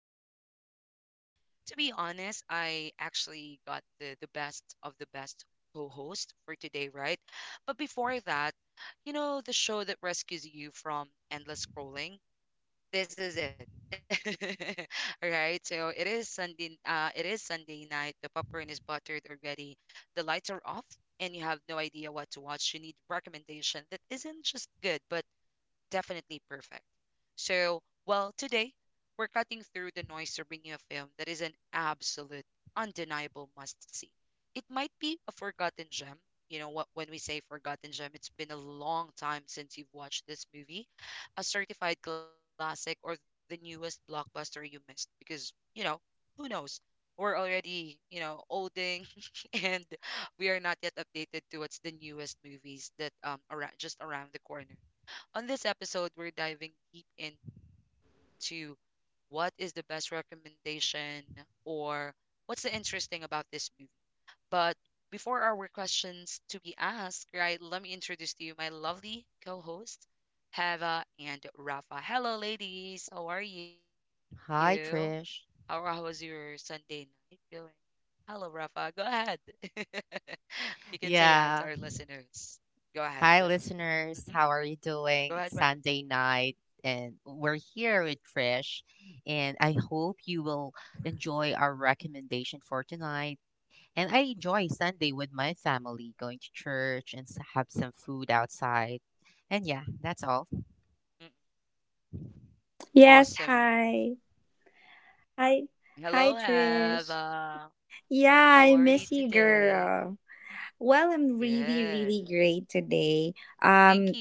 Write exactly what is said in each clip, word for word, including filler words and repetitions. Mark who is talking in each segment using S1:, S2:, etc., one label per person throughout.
S1: podcast for today. To be honest, I actually got the, the best of the best co host for today, right? But before that, you know, the show that rescues you from endless scrolling, this is it. All right, so it is Sunday. Uh, it is Sunday night. The popcorn is buttered already. The lights are off, and you have no idea what to watch. You need recommendation that isn't just good, but definitely perfect. So, well, Today we're cutting through the noise to bring you a film that is an absolute, undeniable must see. It might be a forgotten gem. You know what? When we say forgotten gem, it's been a long time since you've watched this movie, a certified classic, or the newest blockbuster you missed. Because you know, who knows? We're already, you know, olding, and we are not yet updated to what's the newest movies that um around just around the corner. On this episode, we're diving deep into what is the best recommendation or what's the interesting about this movie. But before our questions to be asked, right, let me introduce to you my lovely co hosts, Heva and Rafa. Hello, ladies. How are you? How, how was your
S2: Hi,
S1: Sunday
S2: Trish.
S1: night going? Hello, Rafa. Go ahead. You can say hi to our listeners. Go ahead.
S2: Yeah.
S1: hmm
S2: Hi,
S1: Go ahead, Rafa.
S2: listeners. How are you doing? It's Sunday night, and we're here with Trish. And I hope you will enjoy our recommendation for tonight. And I enjoy Sunday with my family, going to church and s- have some food outside. And yeah,
S1: Mm-hmm.
S2: that's all.
S1: Awesome. Hello,
S3: Yes, hi.
S1: Eva. How are
S3: Hi.
S1: you
S3: Hi,
S1: today?
S3: Trish. Yeah, I
S1: Good.
S3: miss you, girl. Well,
S1: Thank
S3: I'm
S1: you so
S3: really, really
S1: much.
S3: great today. Um,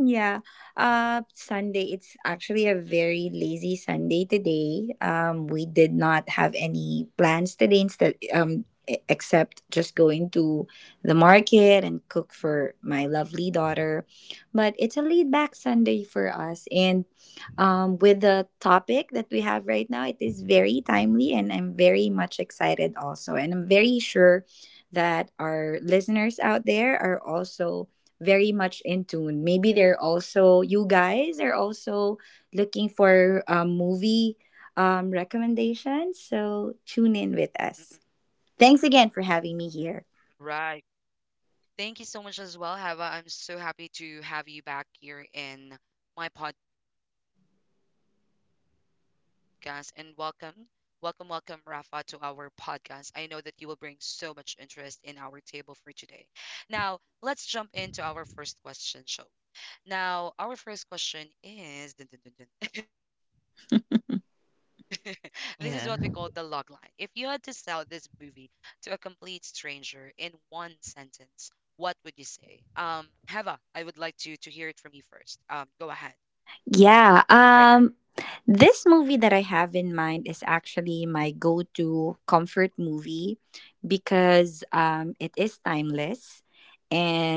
S3: Yeah.
S1: Mm-mm,
S3: Uh Sunday it's actually a very lazy Sunday today. Um we did not have any plans today instead um e- except just going to the market and cook for my lovely daughter. But it's a laid back Sunday for us and um with the topic that we have right now it is very timely and I'm very much excited also and I'm very sure that our listeners out there are also very much in tune. Maybe they're also you guys are also looking for um, movie um,
S1: mm-mm.
S3: recommendations. So tune in with us. Thanks again for having
S1: Right.
S3: me here.
S1: Thank you so much as well, Hava. I'm so happy to have you back here in my podcast and welcome, welcome, welcome, Rafa, to our podcast. I know that you will bring so much interest in our table for today. Now, let's jump into our first question, shall— Now, our first question is dun, dun, dun, dun. This is what we call the log line. If you had to sell this movie
S2: Yeah,
S1: to a complete stranger in one sentence, what would you say? Um, Heva, I would like to to hear it from you first. Um, go ahead. Mm-hmm. Right.
S3: Yeah. Um this movie that I have in mind is actually my go-to comfort movie because um it is timeless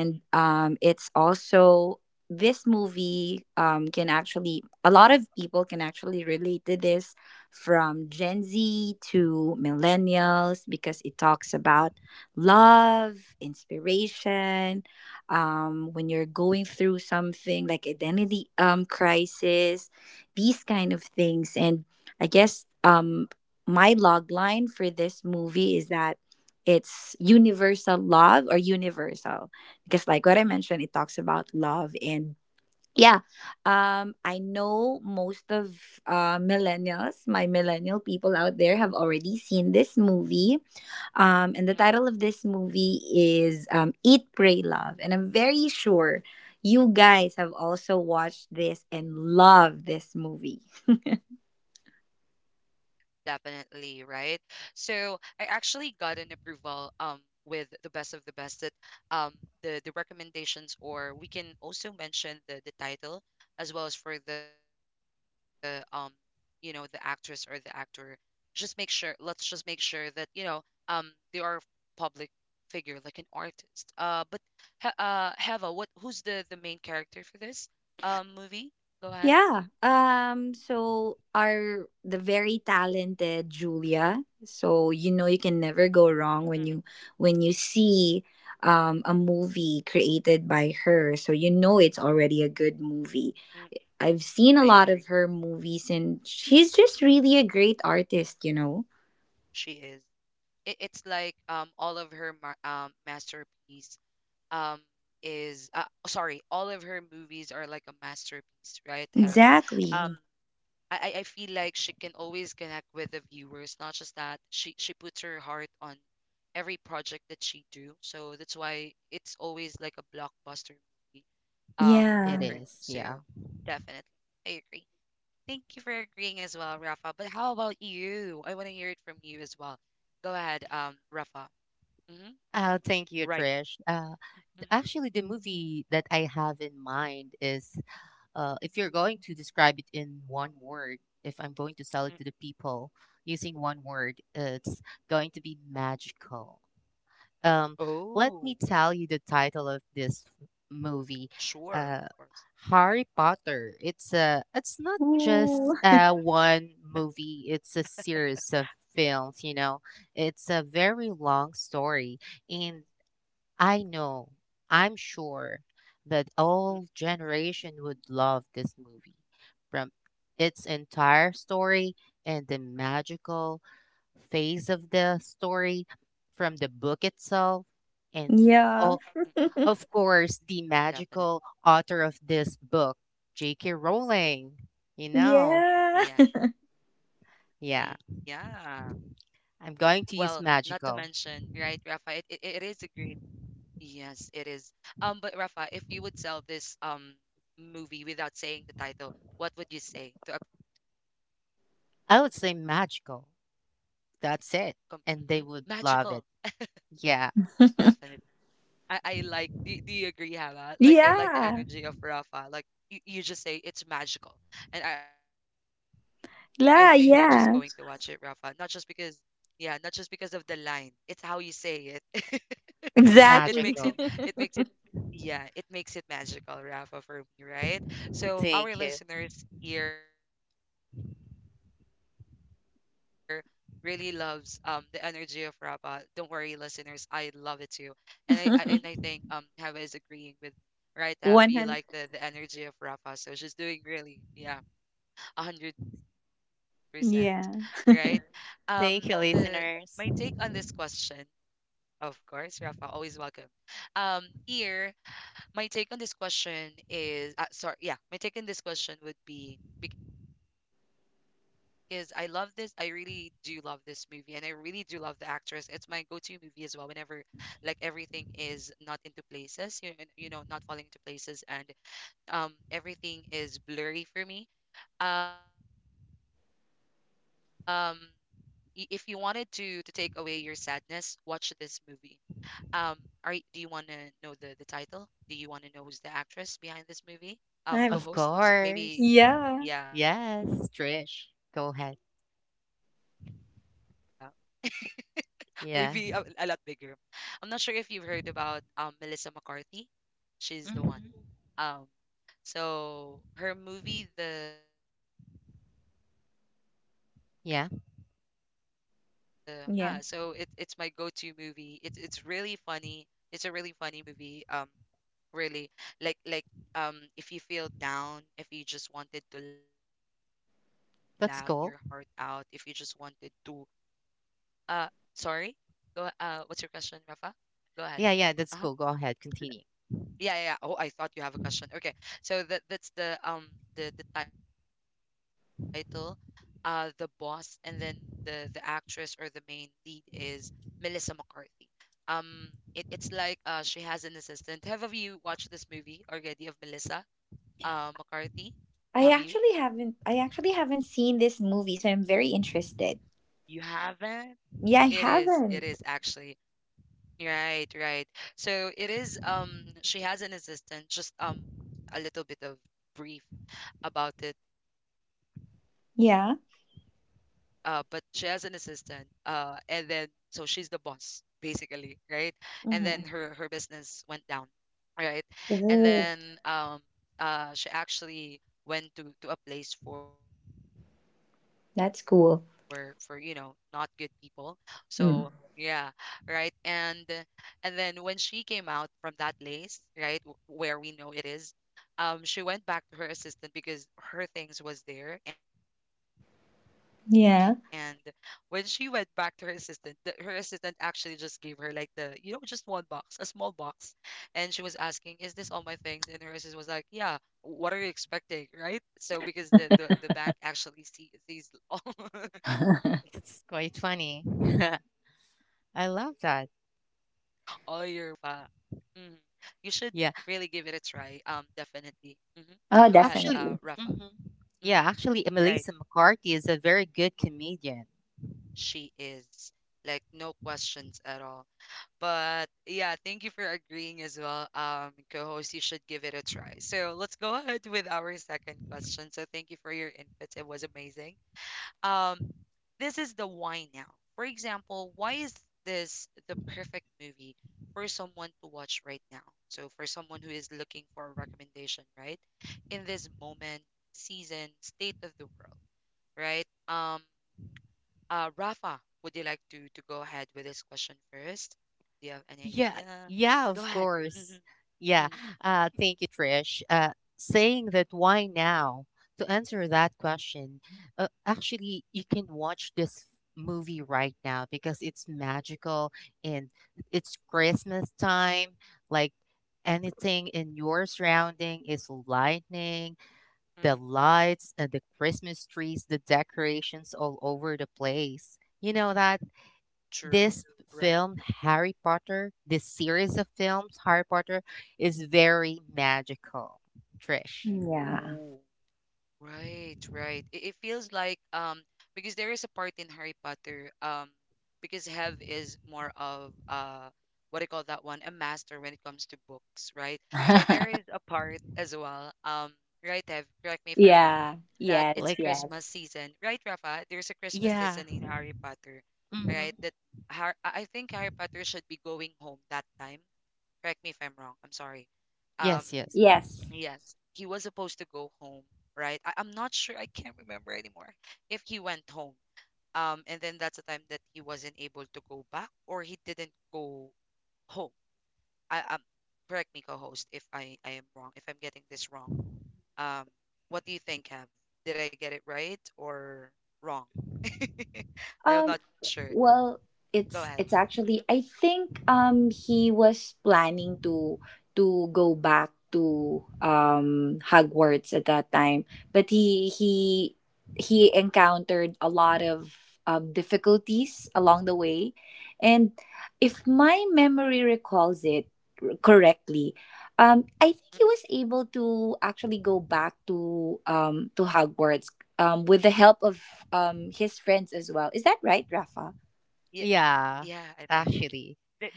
S1: Mm-mm,
S3: um it's also this movie um can actually a lot of people can actually relate to this from Gen Z to millennials because it talks about love, inspiration, um, when you're going through something like identity um, crisis, these kind of things. And I guess um, my log line for this movie is that it's universal love or universal because like what I
S1: mm-mm,
S3: mentioned it talks about love and yeah um I know most of uh millennials my millennial
S1: mm-mm.
S3: people out there have already seen this movie um, and the title of this movie is um, Eat, Pray, Love. And I'm very sure you guys have also watched this and love this movie.
S1: Definitely, right? So I actually got an approval um with the best of the best that um the the recommendations, or we can also mention the the title as well as for the um you know, the actress or the actor. Just make sure, let's just make sure that you know um they are public figure like an artist. Uh but he- uh Heva, what who's the the main character for this um movie? Go ahead.
S3: Yeah. Um, so our the very talented Julia. So you know
S1: Mm-hmm.
S3: you can never go wrong when you when you see um, a movie created by her. So you know it's already a good movie. I've seen a
S1: I
S3: lot of
S1: agree.
S3: her movies and she's just really a great artist, you know.
S1: She is. it, it's like um all of her ma- um masterpiece um is uh, sorry all of her movies are like a masterpiece, right, Have?
S3: Exactly.
S1: um I, I I feel like she can always connect with the viewers, not just that she she puts her heart on every project that she do, so that's why it's always like a blockbuster movie
S2: it
S3: Yeah.
S1: um
S2: is.
S1: for me.
S2: Yeah.
S1: So definitely, I agree. Thank you for agreeing as well, Rafa. But how about you? I want to hear it from you as well. Go ahead, um, Rafa. Mm-hmm.
S2: Oh, thank you, Trish.
S1: Right.
S2: Uh,
S1: Mm-hmm.
S2: actually, the movie that I have in mind is uh, if you're going to describe it in one word, if I'm going to sell it to the
S1: Mm.
S2: people using one word, it's going to be magical. Um, Let me tell
S1: Oh,
S2: you the title of this f- movie, uh,
S1: sure, of course.
S2: Harry Potter. It's a, it's not
S3: Ooh.
S2: just uh, one movie. It's a series of films. You know, it's a very long story, and I know, I'm sure
S1: Mm.
S2: that all generation would love this movie from its entire story and the magical phase of the story from the book
S1: Mm mm.
S2: itself and
S3: Yeah.
S2: all, of
S1: Definitely.
S2: course, the magical author of this book, J K. Rowling. You
S1: Yeah.
S2: know,
S3: Yeah.
S1: Yeah.
S2: yeah,
S1: Well, not to
S2: I'm
S1: mention,
S2: going
S1: right,
S2: to use
S1: Rafa, it, it, it
S2: magical.
S1: is a great— Yes, it is. Um, but Rafa, if you would sell this um movie without saying the title, what would you say to a complete stranger? What do you think
S2: I
S1: is
S2: would
S1: the
S2: say
S1: best idea?
S2: magical.
S1: Go ahead, Rafa.
S2: That's it.
S1: Mm-hmm.
S2: And they would love
S1: Magical,
S2: it. Yeah,
S1: definitely. I, I like. Do, do you agree, Hava?
S3: Yeah.
S1: Like, I like the energy of Rafa. Like, you, you just say it's magical, and I, I think they're just
S3: La,
S1: going to watch it,
S3: yeah.
S1: Rafa. Not just because, yeah, not just because of the line. It's how you say it. It
S3: Exactly.
S2: magical.
S1: makes it it makes it Yeah, it makes it magical, Rafa, for me, right?
S2: Thank you.
S1: So our listeners here really loves um the energy of Rafa. Don't worry, listeners, I love it too. And I, I and I think um Hava is agreeing with— right, Have, you like the the
S3: one hundred.
S1: energy of Rafa. So she's doing really, yeah, a hundred percent, right?
S3: Yeah.
S1: Um
S2: Thank
S1: the
S2: you,
S1: My take
S2: listeners.
S1: on this question, of course, Rafa, always welcome. Um here My take on this question is uh, sorry yeah, my take on this question would be because I love this, I really do love this movie, and I really do love the actress. It's my go-to movie as well whenever like everything is not into places, you know, and, you know, not falling into places and um everything is blurry for me. um y- if you wanted to to take away your sadness, watch this movie. um, are y- do you want to know the the title? Do you want to know who's the actress behind this movie?
S3: I've
S2: Of
S1: Um,
S2: course.
S1: co-host? S-
S3: Yeah.
S1: maybe,
S2: Yes,
S1: yeah.
S2: Trish. Go
S1: Maybe
S2: ahead.
S1: you're not sure. She's actually as big as me.
S2: Yeah.
S1: Maybe a, a lot bigger. I'm not sure if you've heard about um Melissa
S2: hmm
S1: McCarthy. She's the one. Um, so her movie, the— what do you call that one?
S2: Yeah,
S1: Uh, The Boss.
S3: Yeah.
S1: So yeah, so it's it's my go-to movie. It's it's really funny. It's a really funny movie. Um, really, like like um, If you feel down, if you just wanted to
S2: that's
S1: laugh
S2: cool.
S1: your heart out, if you just wanted to uh, sorry, go uh, what's your question, Rafa? Go
S2: Yeah,
S1: ahead.
S2: yeah, that's cool. Go ahead.
S1: Uh-huh.
S2: Continue.
S1: Yeah, yeah, yeah. Oh, I thought you have a question. Okay. So that that's the um the the title, uh The Boss, and then the the actress or the main lead is Melissa McCarthy. Um it, it's like uh she has an assistant. Have of you watched this movie already of Melissa
S3: I
S1: uh
S3: actually
S1: McCarthy?
S3: haven't I actually
S1: Have
S3: haven't
S1: you?
S3: seen this movie, so I'm very interested.
S1: You haven't?
S3: Yeah, I
S1: It
S3: haven't.
S1: is. It is actually. Right, right. So it is, um she has an assistant. Just um a little bit of brief about it. Uh,
S3: Yeah.
S1: but she has an assistant. Uh, and then so she's the boss basically, right? And then her
S3: Mm-hmm.
S1: her business went down, right? And
S3: Ooh,
S1: then um uh she actually went to to a place for for you
S3: that's
S1: know, not
S3: cool.
S1: good people. So yeah,
S3: Mm.
S1: right. And and then when she came out from that place, right, w- where we know it is, um she went back to her assistant because her things was there. And when she
S3: Yeah.
S1: went back to her assistant, the, her assistant actually just gave her like the, you know, just one box, a small box, and she was asking, is this all my things? And her assistant was like, yeah, what are you expecting, right? So because the the, the bank actually see, sees all, all
S2: That's
S1: your
S2: quite
S1: belongings.
S2: funny.
S1: So right,
S2: I
S1: it
S2: love
S1: is.
S2: that.
S1: It is, Rafa. Mm. You should really give it a
S2: Yeah.
S1: try, um definitely. Mm-hmm. Go
S3: Oh,
S1: ahead, uh,
S2: Actually,
S3: definitely.
S1: Rafa.
S2: hmm yeah,
S1: Mhm.
S2: actually, Melissa
S1: Right.
S2: McCarthy is a very good comedian.
S1: She is, like, no questions at all. But yeah, thank you for agreeing as well. Um, co-host, you should give it a try. So let's go ahead with our second question. So thank you for your input. It was amazing. Um, this is the why now. For example, why is this the perfect movie for someone to watch right now? So for someone who is looking for a recommendation, right? In this moment, season, state of the world, right? Um, uh, Rafa, would you like to to go ahead with this question first? Do you have any
S2: Yeah,
S1: idea?
S2: yeah,
S1: Go
S2: of
S1: ahead.
S2: course.
S1: Mm-hmm,
S2: Yeah.
S1: mm-hmm,
S2: Uh, thank you, Trish. Uh, saying that why now? To answer that question, uh, actually, you can watch this movie right now because it's magical and it's Christmas time. Like anything in your surrounding is lightning, the
S1: mm-hmm.
S2: lights and the Christmas trees, the decorations all over the place. You know that?
S1: True.
S2: This
S1: Right.
S2: film Harry Potter, this series of films Harry Potter is very magical, Trish.
S3: Yeah.
S1: Ooh. Right, right. It, it feels like um because there is a part in Harry Potter, um because Hev is more of uh what do you call that one? A master when it comes to books, right? So there is a part as well. Um, right, Hev, correct me if I'm wrong,
S3: yeah.
S1: that
S3: Yes,
S1: it's
S2: Like
S3: yes.
S1: Christmas season, right, Rafa? There's a Christmas
S2: yeah.
S1: season in Harry Potter, right?
S2: Mhm.
S1: That Har I I think Harry Potter should be going home that time. Correct me if I'm wrong. I'm sorry. Um.
S2: Yes, yes.
S3: Yes.
S1: Yes, he was supposed to go home, right? I, I'm not sure. I can't remember anymore if he went home. Um, and then that's the time that he wasn't able to go back, or he didn't go home. I um, correct me, co-host, if I I am wrong, if I'm getting this wrong. Um, what do you think, Kev? Did I get it right or wrong? I am not
S3: Um,
S1: sure.
S3: well,
S1: Go ahead.
S3: it's it's
S1: Mm-hmm.
S3: actually I think um he was planning to to go back to um Hogwarts at that time, but he he he encountered a lot of um, difficulties along the way, and if my memory recalls it correctly, um, I think he was able to actually go back to um to Hogwarts um, with the help of um, his friends as well. Is that right, Rafa?
S1: Yeah,
S2: Yeah.
S1: yeah, I think
S2: Actually,
S1: Th-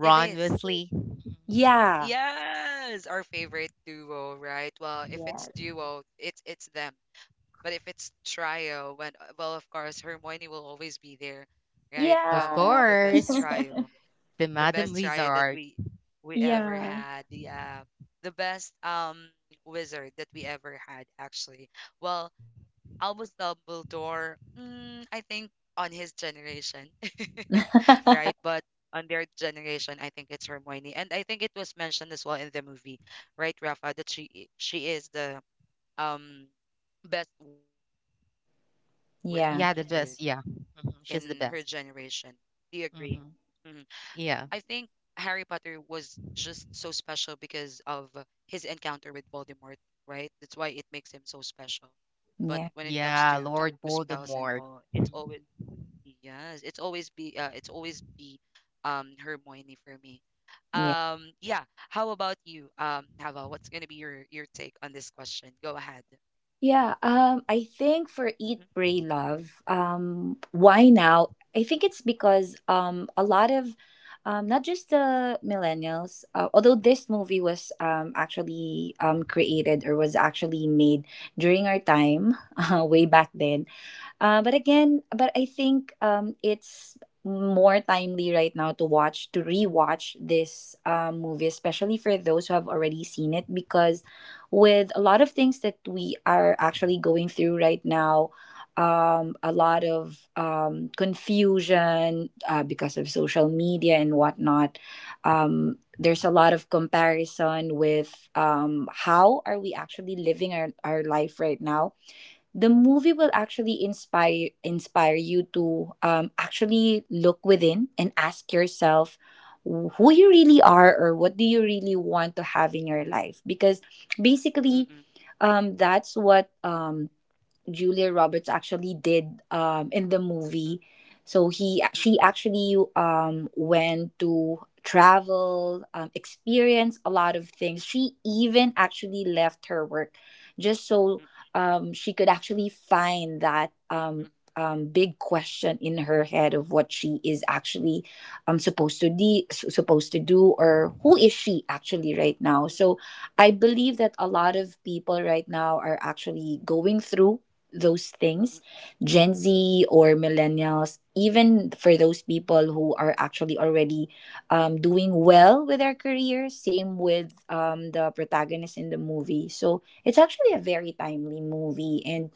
S1: it is.
S2: Weasley. Mhm.
S3: Yeah.
S1: Yes, our favorite duo, right? Well, if it's
S3: Yes.
S1: duo, it's it's them. But if it's trio, when uh, well, of course, Hermione will always be there, right? Um,
S2: Of
S3: Yeah.
S1: the best
S2: course,
S1: trio
S2: the
S1: the
S2: Madam
S1: best try that
S2: Wizard.
S1: we we ever
S3: yeah.
S1: had yeah the best um wizard that we ever had actually. Well, Albus Dumbledore, mm, I think, on his generation right? But on their generation, I think it's Hermione, and I think it was mentioned as well in the movie, right, Rafa, that she i- she is the um best wizard in her
S3: yeah.
S1: generation.
S2: Yeah, the
S1: Do
S2: best.
S1: you
S2: Yeah.
S1: agree?
S2: Mhm. She's the
S1: Mm-hmm.
S2: best.
S1: I think
S2: Mhm.
S1: Harry Potter
S2: Yeah.
S1: was just so special because of uh, his encounter with Voldemort, right? That's why it makes him so special. But when it comes
S3: Yeah.
S1: to to
S2: Yeah,
S1: spells and
S2: Lord
S1: all, it's always,
S2: Voldemort. Mhm.
S1: yes, it's always be uh, it's always be um Hermione for me.
S3: Yeah.
S1: Um yeah, how about you? Um Hava, what's going to be your your take on this question? Go ahead.
S3: Yeah. Um,
S1: Mhm.
S3: I think for Eat, Pray, Love, um, why now? I think it's because um, a lot of um, not just the millennials, uh, although this movie was um, actually um, created or was actually made during our time uh, way back then. Uh, but again, but I think um, it's more timely right now to watch to rewatch this um, movie, especially for those who have already seen it, because with a lot of things that we are actually going through right now. Um, a lot of um, confusion uh, because of social media and whatnot. Um, there's a lot of comparison with um, how are we actually living our, our life right now the movie will actually inspire inspire you to um, actually look within and ask yourself who you really are or what do you really want to have in your life because
S1: Mm-mm,
S3: basically um, that's what um, Julia Roberts actually did um, in the
S1: mm-mm,
S3: movie. So he she
S1: mm-mm,
S3: actually um, went to travel, um, experience a lot of things. She even actually left her work just so
S1: mm-mm,
S3: um, she could actually find that um,
S1: mm-mm,
S3: um, big question in her head of what she is actually um, supposed to de- s- supposed to do or who is she actually right now.
S1: mm-mm,
S3: So I believe that a lot of people right now are actually going through those things
S1: mm-mm.
S3: Gen Z or millennials even for those people who are actually already um, doing well with their career same with um, the protagonist in the movie so it's actually a very timely movie and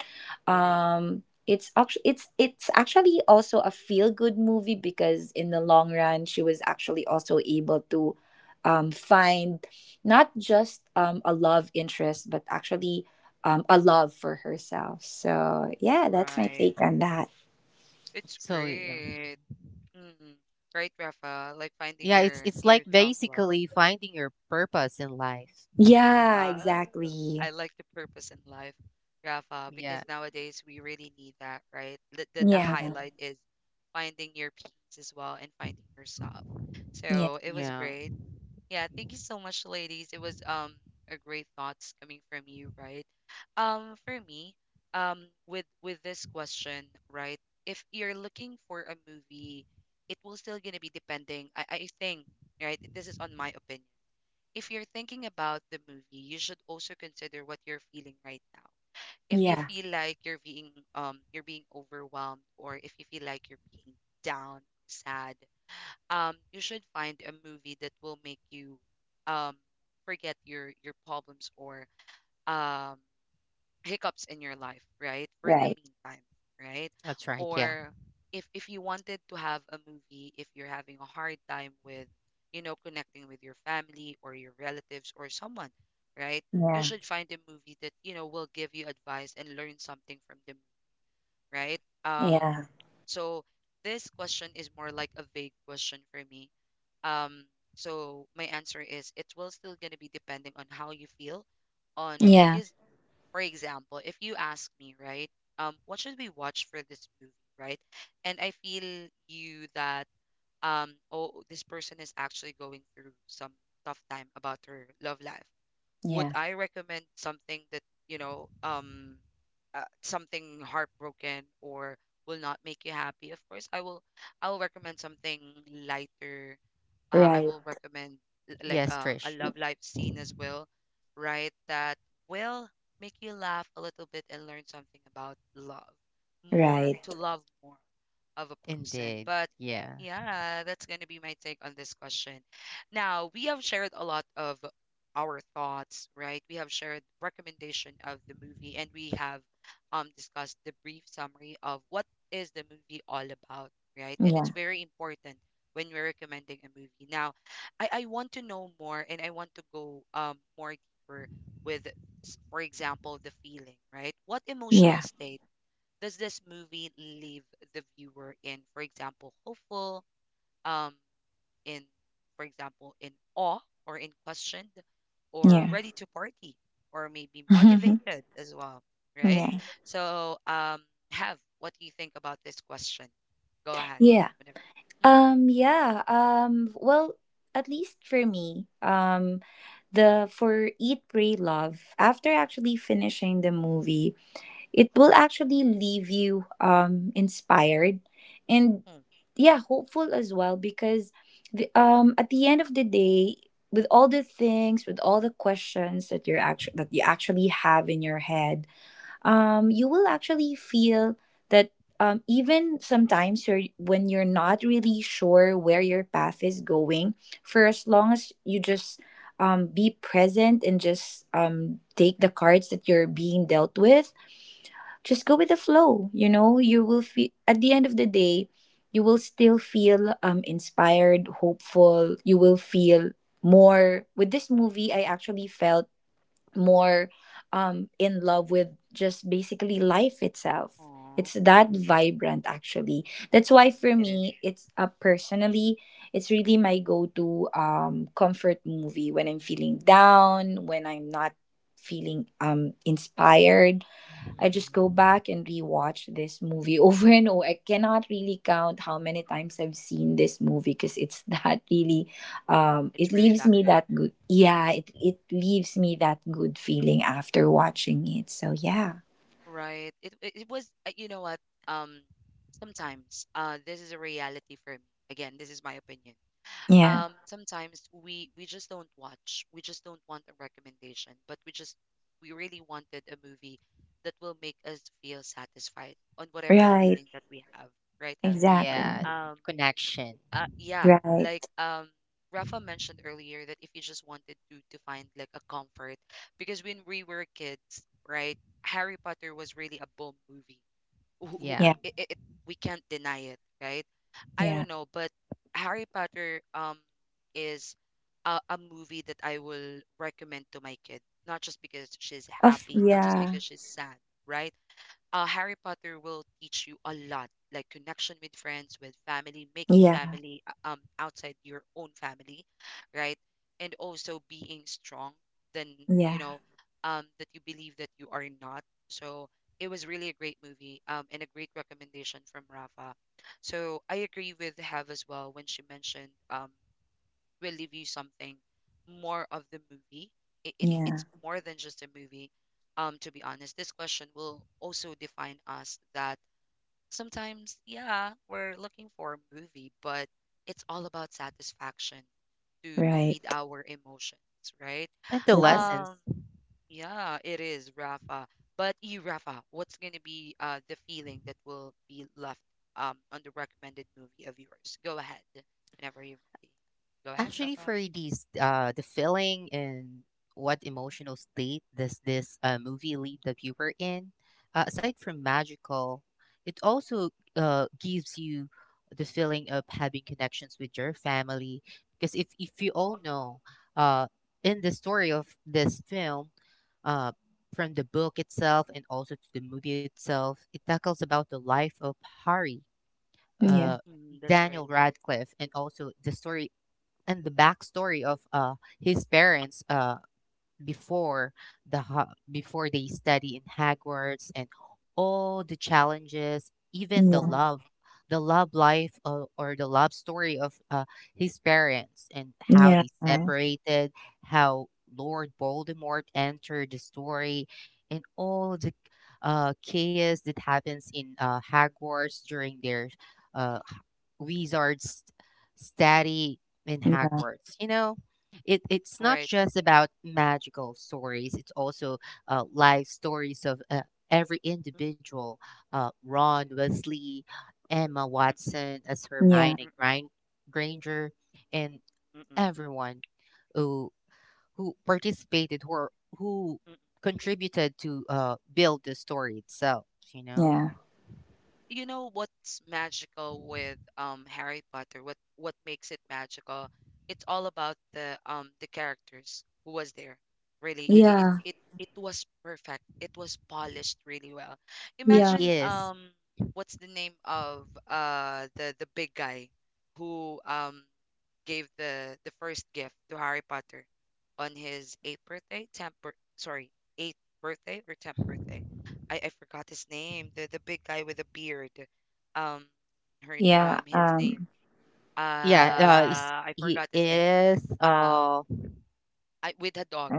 S1: is
S3: um, it's actually it's it's actually also a feel good movie because in the long run she was actually also able to um, find not just um, a love interest but actually um, a love for herself. So yeah, that's my
S1: right.
S3: take on that.
S1: It's
S2: So, yeah. Mhm.
S1: great. Mm. Right, Rafa, like finding
S2: Yeah, it's
S1: your
S2: it's
S1: your
S2: like
S1: self-love.
S2: basically finding your purpose in life.
S3: Yeah,
S1: Uh, I
S3: exactly.
S1: like the purpose in life, Rafa,
S2: Yeah,
S1: because nowadays we really need that, right? The, the the
S2: Of
S3: Yeah,
S1: highlight is finding your peace as well and finding yourself.
S3: yeah,
S1: So it was
S2: yeah,
S1: great. Yeah, thank you so much, ladies. It was um a great thoughts coming from you, right? Um, for me, um, with with this question, right? If you're looking for a movie, it will still gonna be depending. I I think, right? This is on my opinion. If you're thinking about the movie, you should also consider what you're feeling right now. If you
S3: yeah.
S1: feel like you're being um you're being overwhelmed, or if you feel like you're being down, sad, um, you should find a movie that will make you um, forget your your problems or um, hiccups in your life, right? For the
S3: Right.
S1: meantime, right?
S2: that's right. Yeah.
S1: Or if if you wanted to have a movie, if you're having a hard time with, you know, connecting with your family or your relatives or someone, right? You
S3: Yeah,
S1: should find a movie that you know will give you advice and learn something from the movie, right? Um,
S3: yeah,
S1: so this question is more like a vague question for me. Um, so my answer is it will still gonna be depending on how you feel on,
S3: yeah,
S1: because for example, if you ask me, right, um, what should we watch for this movie, right? And I feel you that um, oh, this person is actually going through some tough time about her love life. Would
S3: yeah.
S1: I recommend something that, you know, um, uh, something heartbroken or will not make you happy? Of course, I will. I will recommend something lighter. uh, I
S3: Right,
S1: will recommend, l- like
S2: Yes,
S1: uh, a
S2: Trish.
S1: love life scene as well, right? That will make you laugh a little bit and learn something about love more,
S3: right.
S1: to love more of a person.
S2: Indeed.
S1: But
S2: Yeah.
S1: yeah, that's going to be my take on this question. Now, we have shared a lot of our thoughts, right? We have shared recommendation of the movie and we have um discussed the brief summary of what is the movie all about, right? And it's
S3: Yeah,
S1: very important when we're recommending a movie. Now, I, I want to know more and I want to go um more deeper with, s- for example, the feeling, right? What emotional
S3: yeah,
S1: state does this movie leave the viewer in, for example, hopeful, um, in, for example, in awe, or in question, or
S3: yeah,
S1: ready to party, or maybe motivated as well, right?
S3: yeah,
S1: So, um, have, what do you think about this question? Go ahead.
S3: yeah.
S1: Whenever.
S3: Um, yeah. Um, well, at least for me, um, the for Eat, Pray, Love. After actually finishing the movie, it will actually leave you um inspired and
S1: Mhm.
S3: yeah hopeful as well because the, um at the end of the day with all the things with all the questions that you're actually that you actually have in your head um you will actually feel that um even sometimes you're when you're not really sure where your path is going for as long as you just um be present and just um take the cards that you're being dealt with just go with the flow you know you will feel at the end of the day you will still feel um inspired hopeful you will feel more with this movie I actually felt more um in love with just basically life itself
S1: Aw.
S3: it's that
S1: Mm-mm.
S3: vibrant actually that's why for
S1: It is.
S3: me it's uh, personally it's really my go-to um comfort movie when I'm feeling down when I'm not feeling um
S1: Mm-mm.
S3: inspired
S2: Mhm.
S3: I just go back and rewatch this movie over and over. I cannot really count how many times I've seen this movie because it's that really, um,
S1: It's
S3: it
S1: really
S3: leaves
S1: that
S3: me
S1: good.
S3: that good. Yeah, it, it leaves me that good feeling after watching it. So, yeah.
S1: Right. It, it it was uh, you know what? Um Sometimes uh this is a reality for me. Again, this is my opinion.
S3: Yeah.
S1: Um sometimes we we just don't watch. We just don't want a recommendation, but we just, we really wanted a movie that will make us feel satisfied on whatever
S3: Right.
S1: feeling that we have, right? Have.
S2: Yeah.
S3: Exactly.
S1: Um.
S2: Connection.
S1: Uh, yeah,
S3: Right.
S1: like um Rafa mentioned earlier that if you just wanted to to find like a comfort, because when we were kids, right, Harry Potter was really a boom movie. Who, who,
S2: Yeah.
S3: Yeah.
S1: it, it, it- We can't deny it, right? I
S3: Yeah.
S1: don't know, but Harry Potter um is a, a movie that I will recommend to my kid, not just because she's
S3: Of,
S1: happy, not just
S3: yeah.
S1: because she's sad, right? Uh, Harry Potter will teach you a lot, like connection with friends, with family, making
S3: Yeah.
S1: family uh, um outside your own family, right? And also being strong than, you
S3: Yeah.
S1: know, um that you believe that you are not. So it was really a great movie um and a great recommendation from Rafa. So I agree with Have as well when she mentioned um will leave you something more of the movie. It, it
S3: Yeah.
S1: it's more than just a movie. Um, to be honest, this question will also define us that sometimes, yeah, we're looking for a movie, but it's all about satisfaction to to feed
S3: Right.
S1: our emotions, right?
S2: And the
S3: Right.
S2: lessons.
S1: Um, yeah, it is, Rafa. But you, Rafa, what's gonna be uh the feeling that will be left um on the recommended movie of yours? Go ahead, whenever you're ready. Go ahead,
S2: Actually,
S1: Rafa.
S2: for these, uh, the feeling and what emotional state does this uh, movie leave the viewer in? Uh, aside from magical, it also uh, gives you the feeling of having connections with your family. Because if, if you all know, uh, in the story of this film, uh, from the book itself and also to the movie itself, it tackles about the life of Harry,
S3: Yeah.
S2: uh,
S1: Mm, that's
S2: Daniel
S1: right.
S2: Radcliffe, and also the story and the backstory of uh, his parents. Uh, before the ho- before they study in Hogwarts and all the challenges, even the
S3: Yeah.
S2: love, the love
S1: Mm,
S2: life or, or the love story of uh, his parents and how
S3: Yeah.
S2: they separated, how Lord Voldemort entered the story, and all the uh, chaos that happens in uh, Hogwarts during their
S1: mm,
S2: uh, h- wizards study in
S3: Yeah.
S2: Hogwarts. You know, it it's not
S1: Right.
S2: just about magical stories, it's also uh, life stories of uh, every
S1: Mm,
S2: individual, uh, Ron Wesley, Emma
S1: mm,
S2: Watson as
S3: Yeah.
S1: mm,
S2: hermione
S1: mm,
S2: Grin- granger and
S1: mm, mm,
S2: everyone who who participated who are- who
S1: mm.
S2: contributed to uh, build the story itself, you know.
S3: Yeah.
S1: You know what's magical with um Harry Potter? What what makes it magical? It's all about the um the characters who was there. Really, it it
S3: Yeah.
S1: it it was perfect. It was polished really well.
S2: It
S3: yeah.
S1: Imagine
S2: is,
S1: um what's the name of uh the the big guy who um gave the the first gift to Harry Potter on his eighth birthday, tenth bir- sorry, eighth birthday or tenth birthday. I, I forgot his name. The the big guy with the beard. Um, her
S3: Yeah,
S1: um his name.
S3: um,
S2: yeah. uh, is-
S1: Uh, I
S2: he
S1: forgot his name.
S2: is
S1: Um,
S2: uh
S1: I with a dog.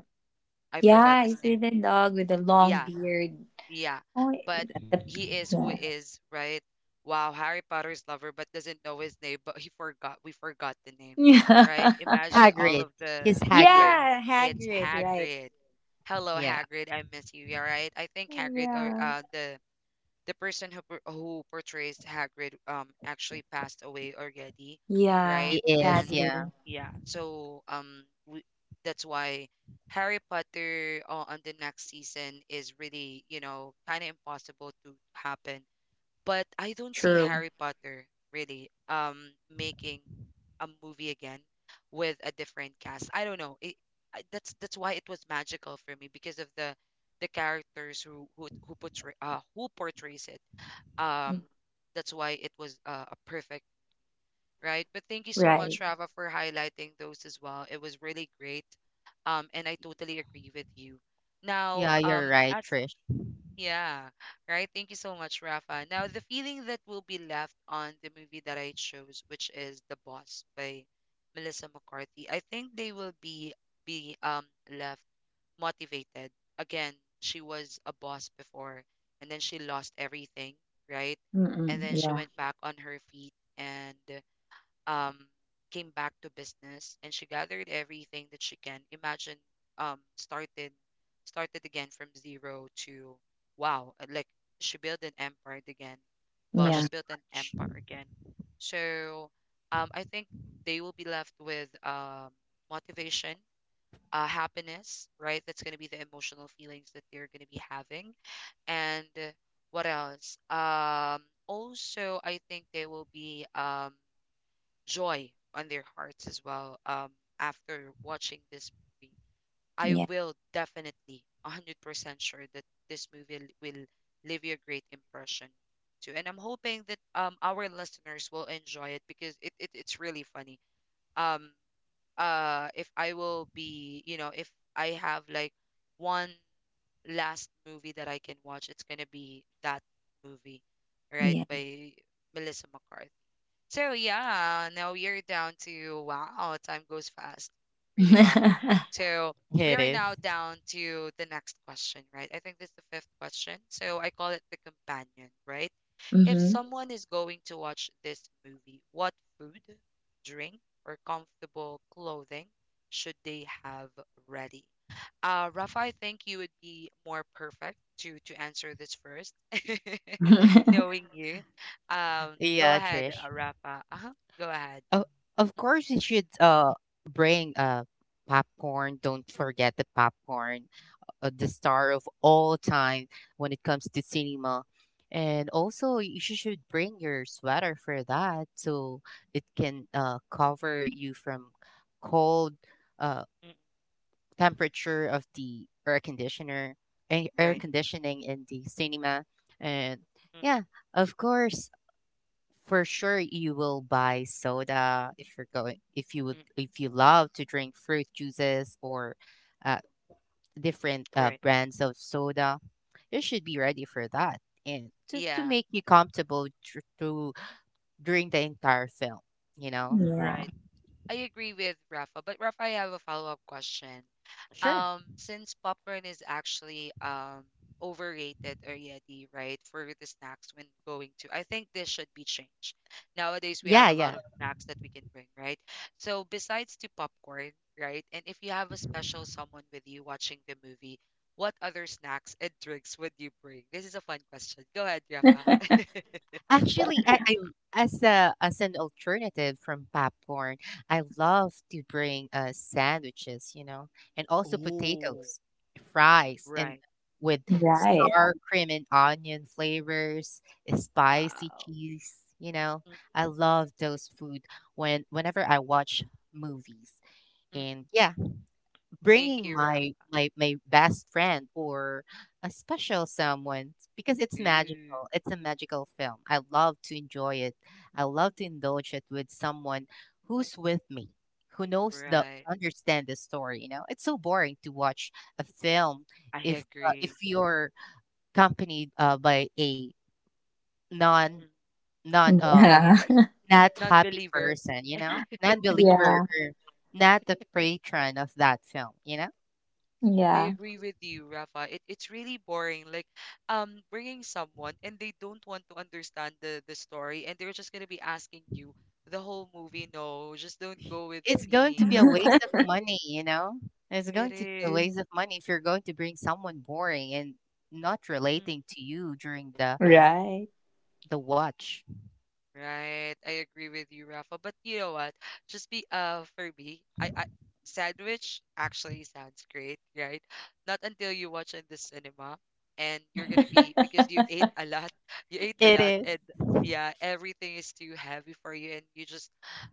S1: I forgot
S3: yeah,
S1: his
S3: he's
S1: name.
S3: with a dog with a long
S1: Yeah,
S3: beard.
S1: Yeah,
S3: Oh,
S1: but
S3: the,
S1: he is who he is, right? Wow, Harry Potter's lover, but doesn't know his name, but he forgot, we forgot the name,
S3: yeah.
S1: right? Imagine all
S2: hagrid
S1: of
S2: he's
S1: the,
S2: Hagrid.
S1: yeah,
S3: yeah,
S1: it's
S3: Hagrid, right.
S1: Hagrid. Hello,
S2: Yeah,
S1: Hagrid, I miss you, yeah, right? I think Hagrid or
S3: Yeah.
S1: uh the the person who por- who portrays Hagrid um actually passed away already,
S3: Yeah,
S1: right?
S2: he is,
S1: And
S2: yeah.
S3: sadly.
S1: yeah, so um we, that's why Harry Potter uh, on the next season is really, you know, kind of impossible to happen, but I don't see
S3: True.
S1: Harry Potter really um making a movie again with a different cast. I don't know. It, I, that's that's why it was magical for me because of the the characters who who who portray uh who portrays it. Um, that's why it was uh, a perfect, right. But thank you so much,
S3: Right.
S1: Rava, for highlighting those as well. It was really great. Um, and I totally agree with you. Now,
S2: Yeah, you're
S1: um,
S2: right,
S1: as
S2: Trish,
S1: yeah, right. Thank you so much, Rafa. Now, the feeling that will be left on the movie that I chose, which is The Boss by Melissa McCarthy, I think they will be be um left motivated. Again, she was a boss before, and then she lost everything, right? And
S3: Mm-mm.
S1: then she
S3: Yeah.
S1: went back on her feet and um, came back to business and she gathered everything that she can imagine, um, started started again from zero to wow, uh, like she built an empire again. Well,
S2: from
S1: she
S2: a
S3: Yeah.
S1: built an
S2: scratch.
S1: empire again. So um, I think they will be left with um, motivation, uh, happiness, right? That's going to be the emotional feelings that they're going to be having. And uh, what else, um also I think they will be um joy on their hearts as well. Um, after watching this movie, I
S3: Yeah.
S1: will definitely one hundred percent sure that this movie l- will leave you a great impression too. And I'm hoping that um our listeners will enjoy it because it, it it's really funny. Um, uh, if I will be, you know, if I have like one last movie that I can watch, it's gonna be that movie, right?
S3: Yeah.
S1: By Melissa McCarthy. So yeah, now we are down to, wow, time goes fast, really well. So we
S2: It
S1: are
S2: is.
S1: now down to the next question, right? I think this is the fifth question. So I call it the companion, right? If
S3: mm-hmm.
S1: someone is going to watch this movie, what food, drink, or comfortable clothing should they have ready? Uh, Rafa, I think you would be more perfect to to answer this first, knowing you. Um, go
S2: Yeah,
S1: ahead,
S2: Trish.
S1: uh, Rafa. Uh-huh. Go ahead.
S2: Of of course you should uh bring uh popcorn. Don't forget the popcorn. Uh, the star of all time when it comes to cinema. And also you sh- should bring your sweater for that so it can uh cover you from cold uh
S1: Mm,
S2: temperature of the air conditioner, a- air
S1: right.
S2: conditioning in the cinema, and
S1: Mm,
S2: yeah, of course, for sure you will buy soda if you're going if you would
S1: mm,
S2: if you love to drink fruit juices or uh, different uh,
S1: right.
S2: brands of soda. You should be ready for that and to, to
S1: Yeah,
S2: make you comfortable tr- to during the entire film. You know,
S3: yeah.
S1: right. I agree with Rafa, but Rafa, I have a follow-up question.
S2: sure,
S1: Um, since popcorn is actually um overrated already, right, for the snacks when going to, I think this should be changed. Nowadays we have
S2: yeah,
S1: a
S2: yeah.
S1: lot of snacks that we can bring, right? So besides to popcorn, right, and if you have a special someone with you watching the movie, what other snacks and drinks would you bring? This is a fun question. Go ahead, Rafa.
S2: Actually, I, I as a as an alternative from popcorn, I love to bring uh sandwiches, you know, and also
S1: Oh,
S2: potatoes, fries, and
S1: right.
S2: with
S3: Right.
S2: sour cream and onion flavors, eh, spicy
S1: Wow.
S2: cheese, you know.
S1: Mm,
S2: I love those food when whenever I watch movies.
S1: mm, mm.
S2: And yeah,
S1: Thank
S2: bringing
S1: you, Rafa.
S2: my my my best friend or a special someone because it's
S1: Ooh,
S2: magical. It's a magical film. I love to enjoy it. I love to indulge it with someone who's with me, who knows the
S1: right.
S2: understand the story. You know, it's so boring to watch a film
S1: I
S2: if uh, if
S1: agree.
S2: you're accompanied uh, by a non
S1: Mm,
S2: non uh
S3: Yeah.
S1: yeah,
S2: not happy
S1: non-believer.
S2: person. You know, non believer
S3: Yeah.
S2: or not the patron of that film. You know.
S1: I
S3: Yeah.
S1: agree with you, Rafa. It it's really boring. Like, um, bringing someone and they don't want to understand the the story, and they're just gonna be asking you the whole movie. No, just don't go with
S2: It's going to be
S1: me.
S2: a waste of money, you know? It's
S1: It
S2: going to be a Mm.
S1: is.
S2: waste of money if you're going to bring someone boring and not relating to you during the
S3: right.
S2: the watch.
S1: Right. I agree with you, Rafa. But you know what? Just be uh for me, I, I sandwich actually sounds great, right? Not until you watch in the cinema and you're gonna be because you ate a lot. You ate a
S2: It
S1: lot
S2: is.
S1: and yeah, everything is too heavy for you and you just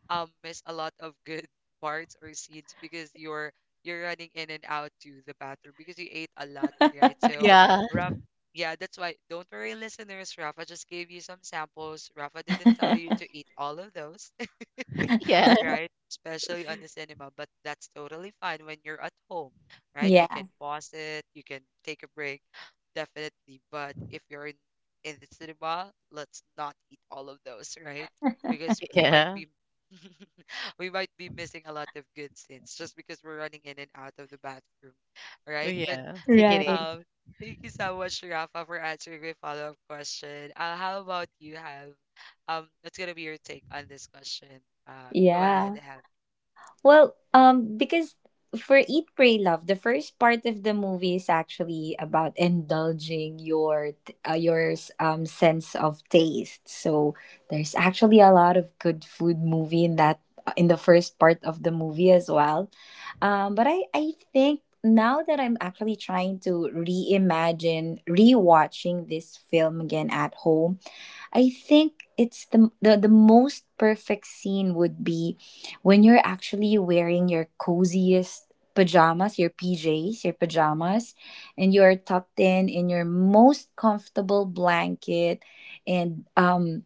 S1: um miss a lot of good parts or scenes because you're you're running in and out to the bathroom because you ate a lot, right? So
S2: Yeah,
S1: yeah, that's why. Don't worry, listeners. Rafa just gave you some samples. Rafa didn't tell you to eat all of those,
S2: yeah,
S1: right? Especially on the cinema, but that's totally fine when you're at home, right? You can
S3: yeah.
S1: pause it, you can take a break, definitely. But if you're in, in the cinema, let's not eat all of those, right? Because we might
S2: yeah,
S1: be we might be missing a lot of good scenes just because we're running in and out of the bathroom, right? But
S2: yeah. Take it
S3: Right.
S2: easy.
S1: um, thank you so much, Rafa, for answering my follow-up question. Uh, how about you, Have? Um, what's gonna be your take on this question? Uh, go ahead,
S3: Yeah.
S1: Have.
S3: Well, um, because for Eat, Pray, Love, the first part of the movie is actually about indulging your t- uh, your um sense of taste. So there's actually a lot of good food movie in that uh, in the first part of the movie as well. Um, but I I think now that I'm actually trying to reimagine rewatching this film again at home I think it's the, the the most perfect scene would be when you're actually wearing your coziest pajamas, your P Js, your pajamas, and you're tucked in in your most comfortable blanket and um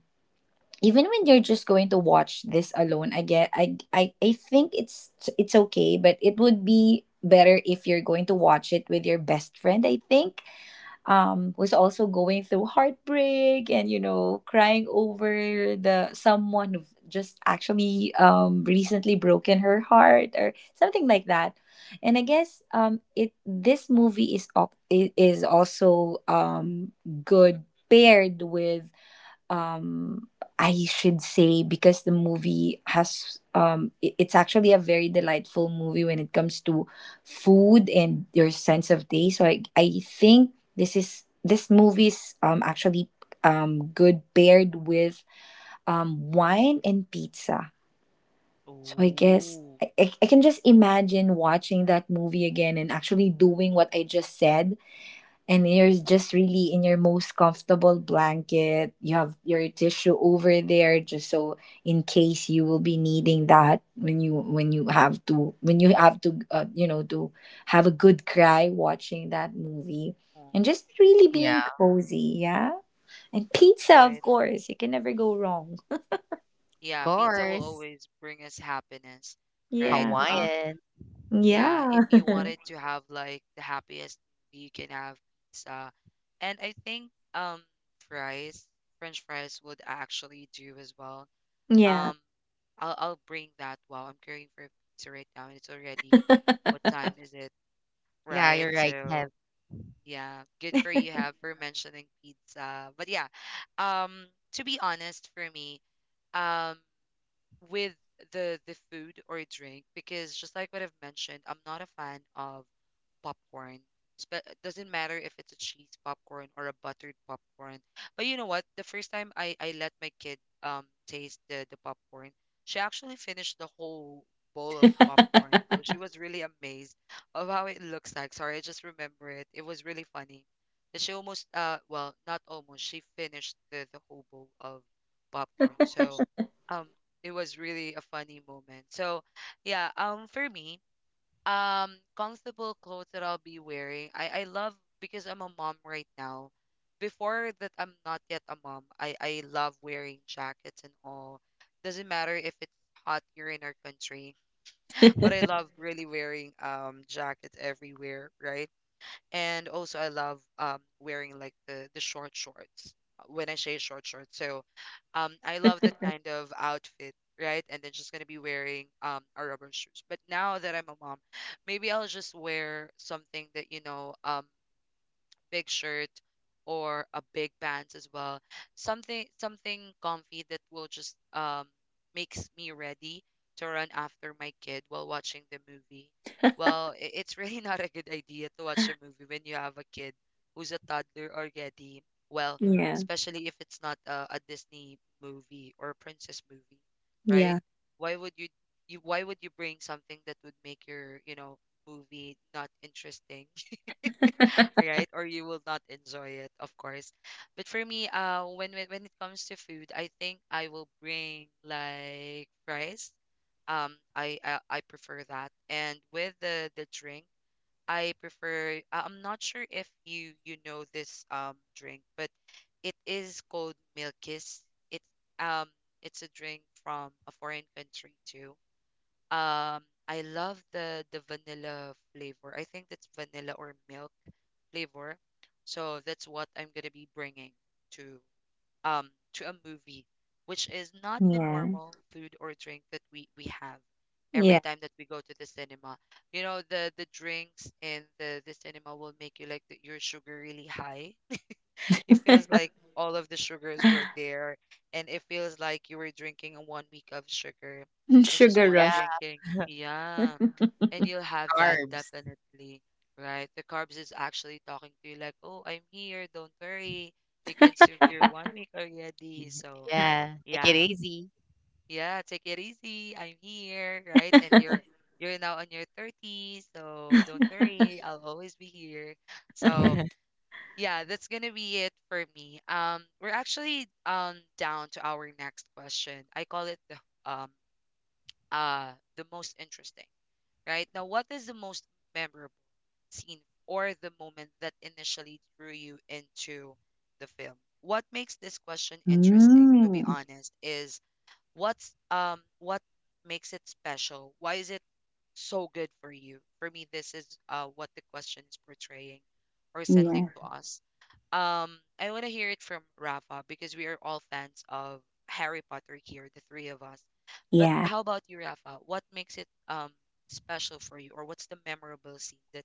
S3: even when you're just going to watch this alone, I get I I I think it's it's okay, but it would be better if you're going to watch it with your best friend, I think um, was also going through heartbreak and you know crying over the someone who just actually um, recently broken her heart or something like that and I guess um, it this movie is al- i- is also um,
S1: Mm,
S3: good paired with um I should say because the movie has um i- it's actually a very delightful movie when it comes to food and your sense of taste so i, I think this is this movie is um actually um good paired with um wine and pizza so I guess I, I I can just imagine watching that movie again and actually doing what I just said and you're just really in your most comfortable blanket. You have your tissue over there just so in case you will be needing that when you when you have to when you have to uh, you know to have a good cry watching that movie
S1: oh,
S3: and just really
S2: Yeah,
S3: being cozy, yeah. And pizza,
S1: right.
S3: of course, you can never go wrong.
S2: of
S1: Yeah, pizza will
S2: course.
S1: always bring us happiness, right?
S3: Yeah.
S1: Um,
S2: Hawaiian.
S1: yeah, if
S3: Yeah.
S1: you wanted to have like the happiest, you can have pizza, and I think um fries, French fries would actually do as well.
S3: yeah.
S1: Um, I'll I'll bring that. Wow, I'm craving for pizza right now, and it's already what time is it?
S2: Yeah,
S1: Right?
S2: you're right.
S1: So
S2: Have
S1: yeah, good for you, have, for mentioning pizza. But yeah, um, to be honest, for me, um, with the the food or drink, because just like what I've mentioned, I'm not a fan of popcorn. Spe- It doesn't matter if it's a cheese popcorn or a buttered popcorn. But you know what? The first time I, I let my kid um taste the, the popcorn, she actually finished the whole bowl of popcorn. So she was really amazed of how it looks like. Sorry, I just remember it. It was really funny. That she almost uh well, not almost, she finished the, the whole bowl of popcorn. So um it was really a funny moment. So yeah, um for me, um comfortable clothes that I'll be wearing. I I love because I'm a mom right now. Before that I'm not yet a mom. I I love wearing jackets and all. Doesn't matter if it's hot here in our country, but I love really wearing um jackets everywhere, right? And also, I love um wearing like the the short shorts. uh, When I say short shorts, so um I love that kind of outfit, right? And then just gonna be wearing um a rubber shoes. But now that I'm a mom, maybe I'll just wear something that you know um big shirt or a big pants as well. Something something comfy that will just um makes me ready to run after my kid while watching the movie. Well, i- it's really not a good idea to watch a movie when you have a kid who's a toddler already. Well,
S3: Yeah.
S1: especially if it's not a, a Disney movie or a princess movie, right?
S3: Yeah.
S1: Why would you you why would you bring something that would make your, you know, movie not interesting, all right, or you will not enjoy it, of course. But for me uh when when, when it comes to food, I think I will bring like rice. um I, I i prefer that. And with the the drink, I prefer, I- I'm not sure if you you know this um drink, but it is called Milkis. It's um it's a drink from a foreign country too. um I love the the vanilla flavor. I think that's vanilla or milk flavor. So that's what I'm gonna be bringing to um to a movie, which is not the
S3: Yeah.
S1: normal food or drink that we we have every
S3: Yeah.
S1: time that we go to the cinema. You know, the the drinks in the the cinema will make you like the, your sugar really high. It feels like all of the sugars were there, and it feels like you were drinking one week of sugar in just
S3: Sugar
S1: one
S3: rush.
S1: drinking.
S2: yeah,
S1: Yeah, and you'll have that
S2: carbs.
S1: definitely, right? The carbs is actually talking to you like, "Oh, I'm here. Don't worry. You consumed your one week already." So,
S2: Yeah, take it
S1: yeah.
S2: easy.
S1: Yeah, take it easy. I'm here, right? And you're you're now on your thirties, so don't worry. I'll always be here. So, yeah, that's going to be it for me. Um we're actually um down to our next question. I call it the um uh the most interesting, right? Now, what is the most memorable scene or the moment that initially drew you into the film? What makes this question interesting, to be
S3: Mm.
S1: honest, is what's um what makes it special? Why is it so good for you? For me, this is uh what the question is portraying or sending
S3: Yeah.
S1: to us. Um, I want to hear it from Rafa because we are all fans of Harry Potter here, the three of us. But
S3: Yeah.
S1: how about you, Rafa? What makes it um special for you, or what's the memorable scene that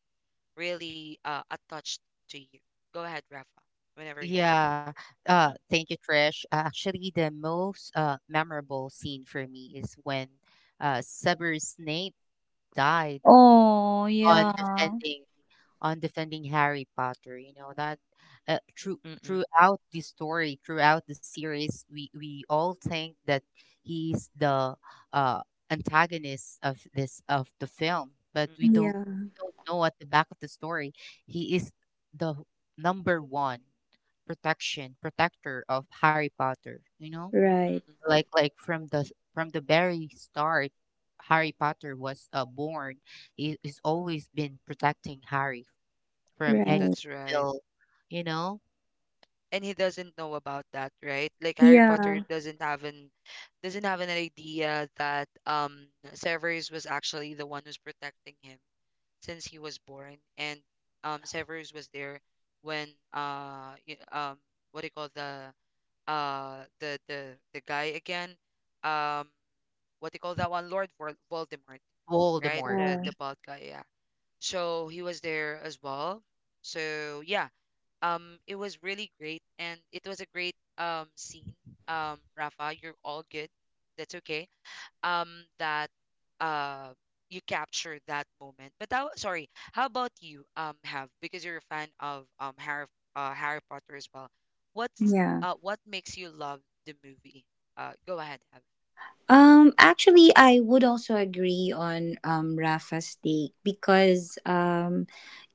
S1: really uh, attached to you? Go ahead, Rafa, whenever you're ready.
S2: Yeah. Uh, thank you, Trish. Uh, actually, the most uh, memorable scene for me is when uh, Severus Snape died
S3: Oh,
S2: on
S3: yeah.
S2: the on defending Harry Potter. You know that uh, through,
S1: Mm, mm-mm,
S2: throughout the story, throughout the series, we we all think that he's the uh, antagonist of this of the film, but
S1: mm,
S2: we don't
S3: Yeah.
S2: we don't know at the back of the story he is the number one protection protector of Harry Potter. You know,
S3: Right.
S1: mm-mm.
S2: like like from the from the very start. Harry Potter was uh, born. He, he's always been protecting Harry from any
S3: Right.
S1: That's right.
S2: evil, you know,
S1: And he doesn't know about that, right? Like Harry Potter
S3: Yeah.
S1: doesn't have an doesn't have an idea that um Severus was actually the one who's protecting him since he was born, and um Severus was there when uh y- um what do you call the uh the the the guy again? Um what they call that one? Lord Vol- Voldemort, right?
S2: Voldemort.
S1: The
S3: Uh,
S1: the bald guy, yeah. So he was there as well. So yeah, um, it was really great, and it was a great um scene. Um, Rafa, you're all good. That's okay. Um, that uh you captured that moment. But that, sorry, how about you? Um, have, because you're a fan of um Harry uh Harry Potter as well. What's
S3: yeah.
S1: uh what makes you love the movie? Uh, go ahead, have.
S3: Um, actually, I would also agree on um, Rafa's take because um,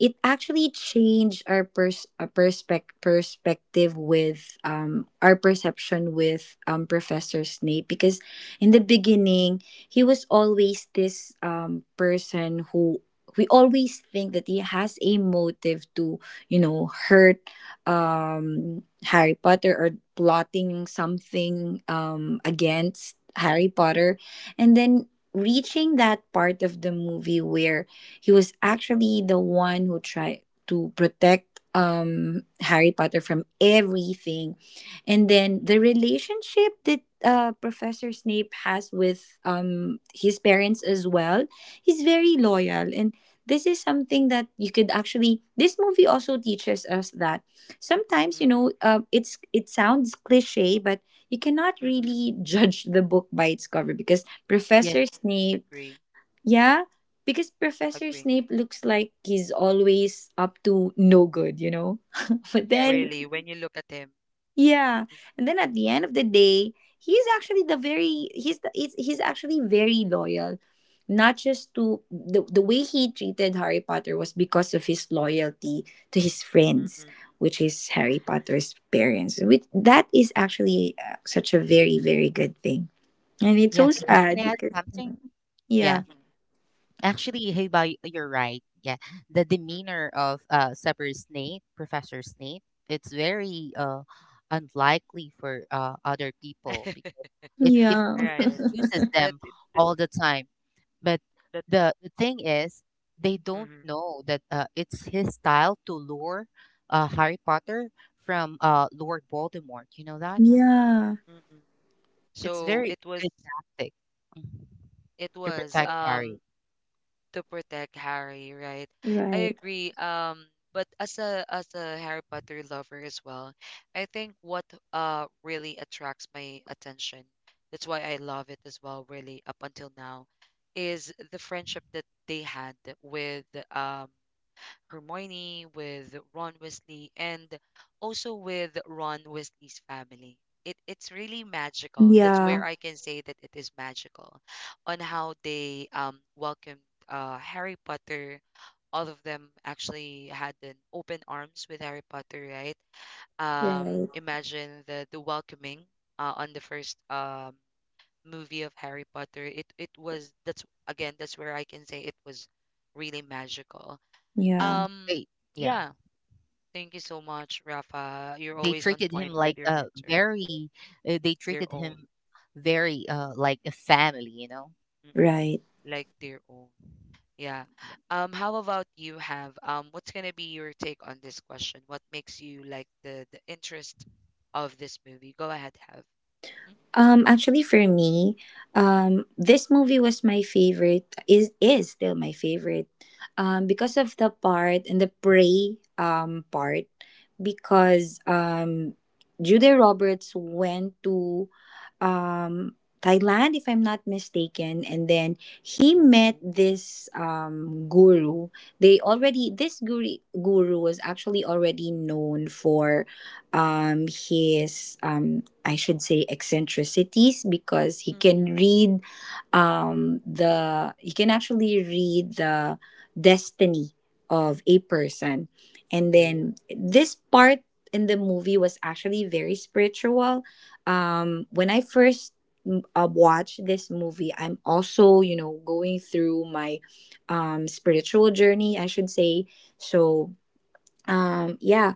S3: it actually changed our pers- uh, perspec- perspective with um, our perception with um, Professor Snape. Because in the beginning, he was always this um, person who we always think that he has a motive to, you know, hurt um, Harry Potter or plotting something um, against Harry Potter. And then reaching that part of the movie where he was actually the one who tried to protect um, Harry Potter from everything. And
S1: Mm-mm,
S3: then the relationship that uh, Professor Snape has with um, his parents as well, he's very loyal. And this is something that you could actually, this movie also teaches us that sometimes you
S1: mm-mm,
S3: know uh, it's it sounds cliche, but you cannot
S1: mm-mm.
S3: really judge the book by its cover because
S2: Yes,
S3: professor snape
S1: Agree,
S3: Yeah, because Professor
S1: agree.
S3: Snape looks like he's always up to no good you know But
S2: yeah, yeah.
S3: then
S1: Really, when you look at him,
S3: yeah,
S1: mm,
S3: and then at the end of the day, he's actually the very he's the, he's, he's actually very loyal. Not just to the the way he treated Harry Potter was because of his loyalty to his friends,
S1: mm-mm,
S3: which is Harry Potter's parents. Which that is actually uh, such a very very good thing, and it's so
S2: Yeah, can
S1: mm-mm,
S2: I,
S3: sad
S2: can I add
S3: because
S2: something? Yeah.
S3: yeah,
S2: Actually, hey, Bao, you're right. Yeah, the
S1: mm-mm.
S2: demeanor of uh, Severus Snape, Professor Snape, it's very uh, unlikely for uh, other people because it it
S3: yeah,
S1: Right.
S2: confuses
S1: That
S2: them
S1: that,
S2: all the time. But
S1: that
S2: the the thing is, they don't
S1: mm-hmm,
S2: know that uh, it's his style to lure uh, Harry Potter from uh, Lord Voldemort. You know that
S3: yeah,
S1: mm-hmm.
S2: it's
S1: So
S2: very
S1: it was,
S2: good tactic, mm,
S1: it
S2: to
S1: was
S2: protect
S1: um
S2: Harry.
S1: to protect Harry, right? I
S3: right,
S1: agree. Um, but as a as a Harry Potter lover as well, I think what uh really attracts my attention, that's why I love it as well, really, up until now, is the friendship that they had with um Hermione, with Ron Weasley, and also with Ron Weasley's family. It, it's really magical. That's
S3: yeah,
S1: where I can say that it is magical on how they um, welcomed uh, Harry Potter. All of them actually had an open arms with Harry Potter, right? Um,
S3: right,
S1: imagine the, the welcoming uh, on the first um, movie of Harry Potter. It, it was, that's again, that's where I can say it was really magical.
S3: yeah,
S1: Um,
S2: They, yeah.
S1: yeah. Thank you so much, Rafa. You're
S2: They
S1: always on
S2: treated him
S1: point with
S2: like
S1: your
S2: a
S1: answer.
S2: very, uh, they
S1: Their
S2: treated
S1: own.
S2: him very uh, like a family, you know?
S1: Mm,
S3: right.
S1: like their own. Yeah.
S2: Yeah,
S1: Um, how about you have, um what's gonna be your take on this question? What makes you like the the interest of this movie? Go ahead, have. Mhm.
S3: Um, actually, for me, um, this movie was my favorite. Is is still my favorite, um, because of the part and the prey um part, because um, Judy Roberts went to um Thailand, if I'm not mistaken, and then he met
S1: Oh.
S3: this um guru. They already This guru guru was actually already known for um his um I should say eccentricities because he
S1: Mm-mm.
S3: can read um, the he can actually read the destiny of a person, and then
S1: Oh.
S3: this part in the movie was actually very spiritual. Um, when
S1: Mm-mm.
S3: I first mm, uh, watched this movie, I'm also, you know, going through my um, spiritual journey, I should say. So um, yeah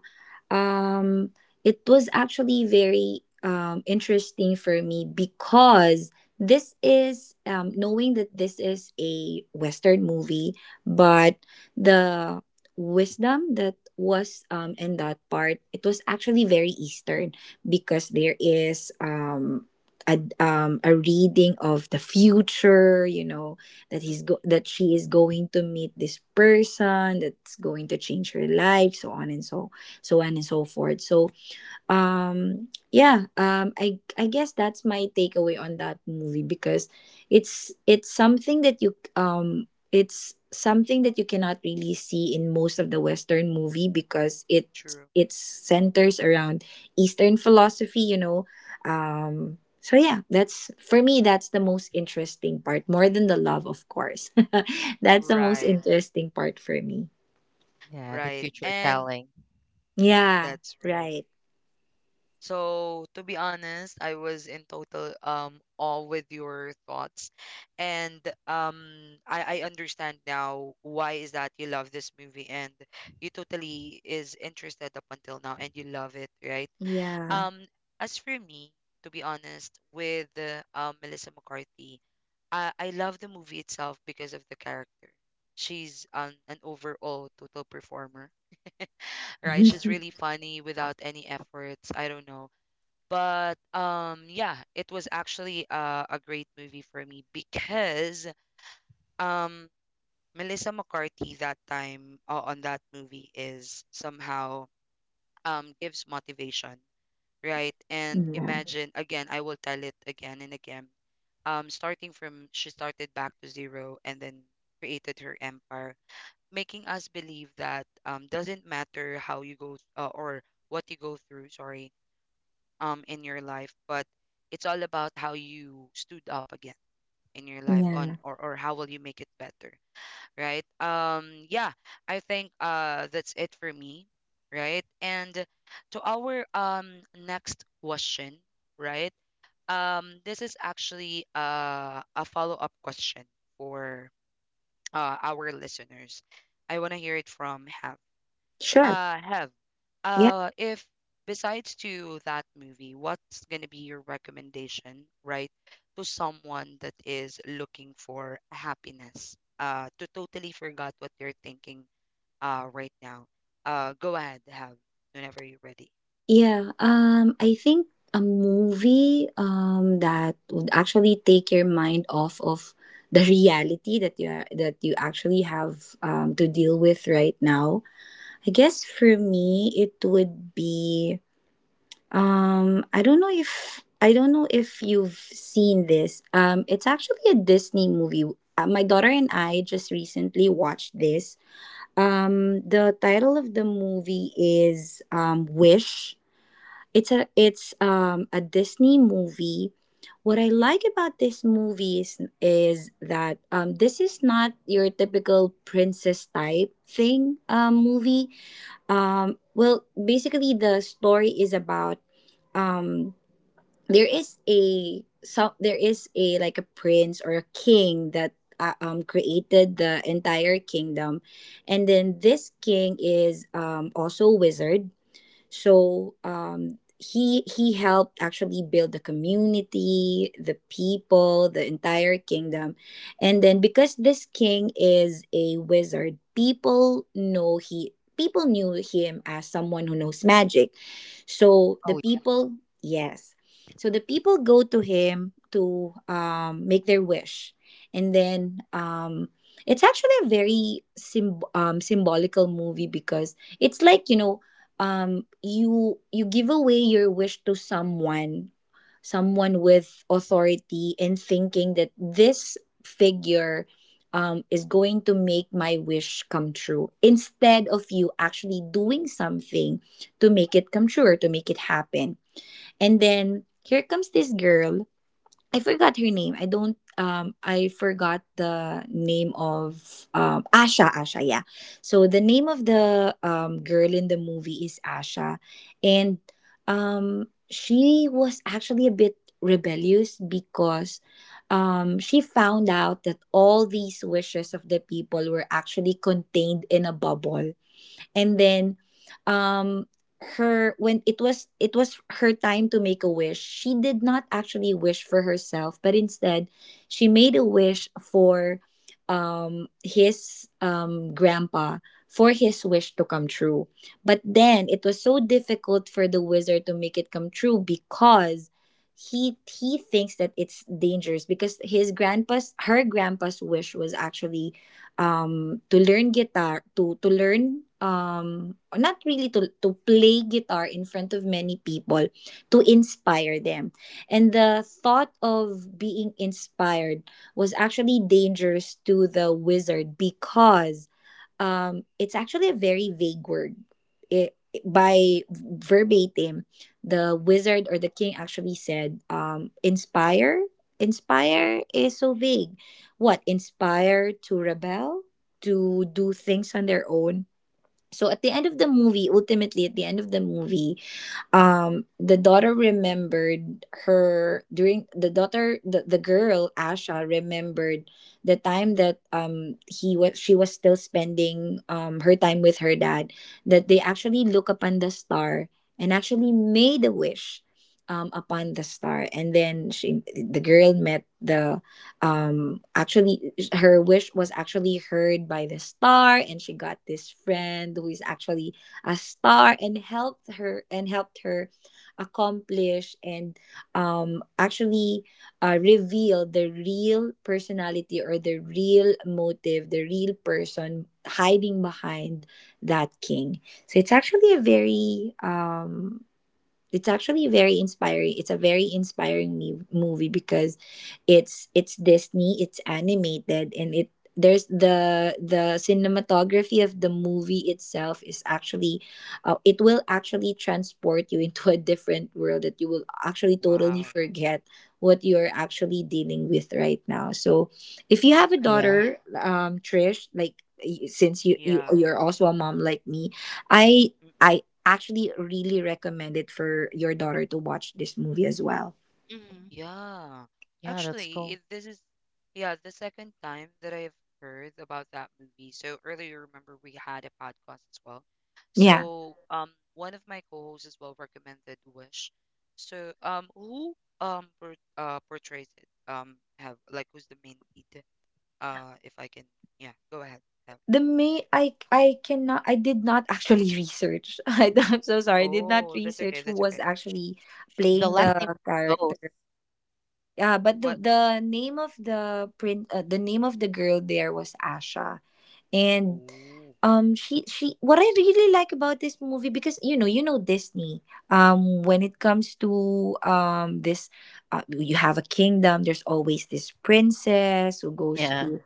S3: um, it was actually very um, interesting for me because this is, um, knowing that this is a Western movie, but the wisdom that was um, in that part, it was actually very Eastern because there is um, a um, a reading of the future. You know that
S1: Mm-mm.
S3: he's go- that she is going to meet this person that's going to change her life, so on and so so on and so forth. So um yeah, um I I guess that's my takeaway on that movie because it's it's something that you um it's something that you cannot really see in most of the western movie because it
S1: True.
S3: it centers around eastern philosophy, you know. Um so yeah, that's for me, that's the most interesting part, more than the love, of course. That's the most
S1: Right.
S3: interesting part for me.
S2: yeah, the
S1: Right.
S2: future
S1: And
S2: telling.
S3: Yeah,
S1: that's right.
S3: right.
S1: So to be honest, I was in total um awe with your thoughts. And um I, I understand now why is that you love this movie and you totally is interested up until now and you love it, right?
S3: Yeah.
S1: Um, as for me, to be honest, with uh, um Melissa McCarthy, I, I love the movie itself because of the character. She's an, an overall total performer, right? She's really funny without any efforts. I don't know, but um yeah, it was actually uh, a great movie for me because um Melissa McCarthy that time uh, on that movie is somehow um gives motivation, right? And
S3: yeah.
S1: imagine again, I will tell it again and again. Um starting from, she started back to zero and then created her empire, making us believe that um doesn't matter how you go uh, or what you go through, sorry, um in your life, but it's all about how you stood up again in your life
S3: Yeah.
S1: on, or, or how will you make it better, right? Um yeah, I think uh that's it for me, right? And to our um next question, right? Um, this is actually uh, a follow-up question for uh, our listeners. I want to hear it from Ham.
S3: Sure.
S1: Uh, have.
S3: Yeah.
S1: Uh, if besides to that movie, what's gonna be your recommendation, right, to someone that is looking for happiness? Uh, to totally forgot what they're thinking. Uh, right now. Uh, go ahead, have, whenever you're ready.
S3: Yeah. Um, I think a movie um that would actually take your mind off of the reality that you are, that you actually have um to deal with right now. I guess for me it would be um I don't know if I don't know if you've seen this. Um, it's actually a Disney movie. Uh, my daughter and I just recently watched this. Um, the title of the movie is um, Wish. It's a it's um, a Disney movie. What
S1: Mm,
S3: I like about this movie is, is that um, this is not your typical princess type thing um, movie. Um, well, basically, the story is about um, there is a so there is a like a prince or a king that uh, um created the entire kingdom, and then this king is um also a wizard. So um, he he helped actually build the community, the people, the entire kingdom, and then because this king is a wizard, people know he people knew him as someone who knows magic. So the
S2: Oh,
S3: people, yes, so the people go to him to um, make their wish, and then. Um, it's actually a very symb- um, symbolical movie because it's like, you know, um you, you give away your wish to someone someone with authority, and thinking that this figure um, is going to make my wish come true instead of you actually doing something to make it come true or to make it happen. And then here comes this girl. I forgot her name. I don't um I forgot the name of um Asha, Asha, yeah. So the name of the um girl in the movie is Asha, and um she was actually a bit rebellious because um she found out that all these wishes of the people were actually contained in a bubble. And then um her when it was it was her time to make a wish, she did not actually wish for herself, but instead she made a wish for um his um grandpa, for his wish to come true. But then it was so difficult for the wizard to make it come true because he he thinks that it's dangerous because his grandpa's her grandpa's wish was actually, um, to learn guitar, to to learn um or not really to to play guitar in front of many people, to inspire them. And the thought of being inspired was actually dangerous to the wizard because um it's actually a very vague word. It by verbatim, the wizard or the king actually said, um inspire, inspire is so vague. What, inspire to rebel, to do things on their own. So at the end of the movie, ultimately at the end of the movie, um the daughter remembered her during the daughter the, the girl Asha remembered the time that um he was she was still spending um her time with her dad, that they actually look upon the star and actually made a wish um upon the star. And then she the girl met the um actually her wish was actually heard by the star, and she got this friend who is actually a star, and helped her, and helped her accomplish and, um, actually uh, reveal the real personality, or the real motive, the real person hiding behind that king. So it's actually a very um, it's actually very inspiring it's a very inspiring me- movie because it's it's Disney, it's animated, and it there's the the cinematography of the movie itself is actually, uh, it will actually transport you into a different world that you will actually totally
S1: wow.
S3: forget what you're actually dealing with right now. So if you have a
S2: yeah. Yeah,
S3: daughter, um Trish, like y- since you, you
S1: Yeah.
S3: you're also a mom like me, i I actually really recommend it for your daughter to watch this movie as well.
S2: Mhm.
S1: Yeah.
S2: Yeah, that's
S1: Actually, it,
S2: cool.
S1: this is yeah, the second time that I've heard about that movie. So earlier, remember we had a podcast as well.
S3: Yeah.
S1: So um one of my co-hosts as well recommended Wish. So um who um por uh portrays it? Um have, like, who's the main lead? Uh, if I can, yeah, go ahead. Have.
S3: The May I I cannot, I did not actually research. I am so sorry. I did not
S1: Oh, that's okay,
S3: research who
S1: that's
S3: was
S1: okay.
S3: actually
S2: The
S3: playing
S2: last name
S3: the
S2: of the both.
S3: character. Yeah, but the
S1: What?
S3: the name of the print uh, the name of the girl there was Asha. And
S1: Oh.
S3: um she she, what I really like about this movie, because you know, you know Disney, um when it comes to um this uh, you have a kingdom, there's always this princess who goes
S1: mm,
S2: Yeah.
S3: to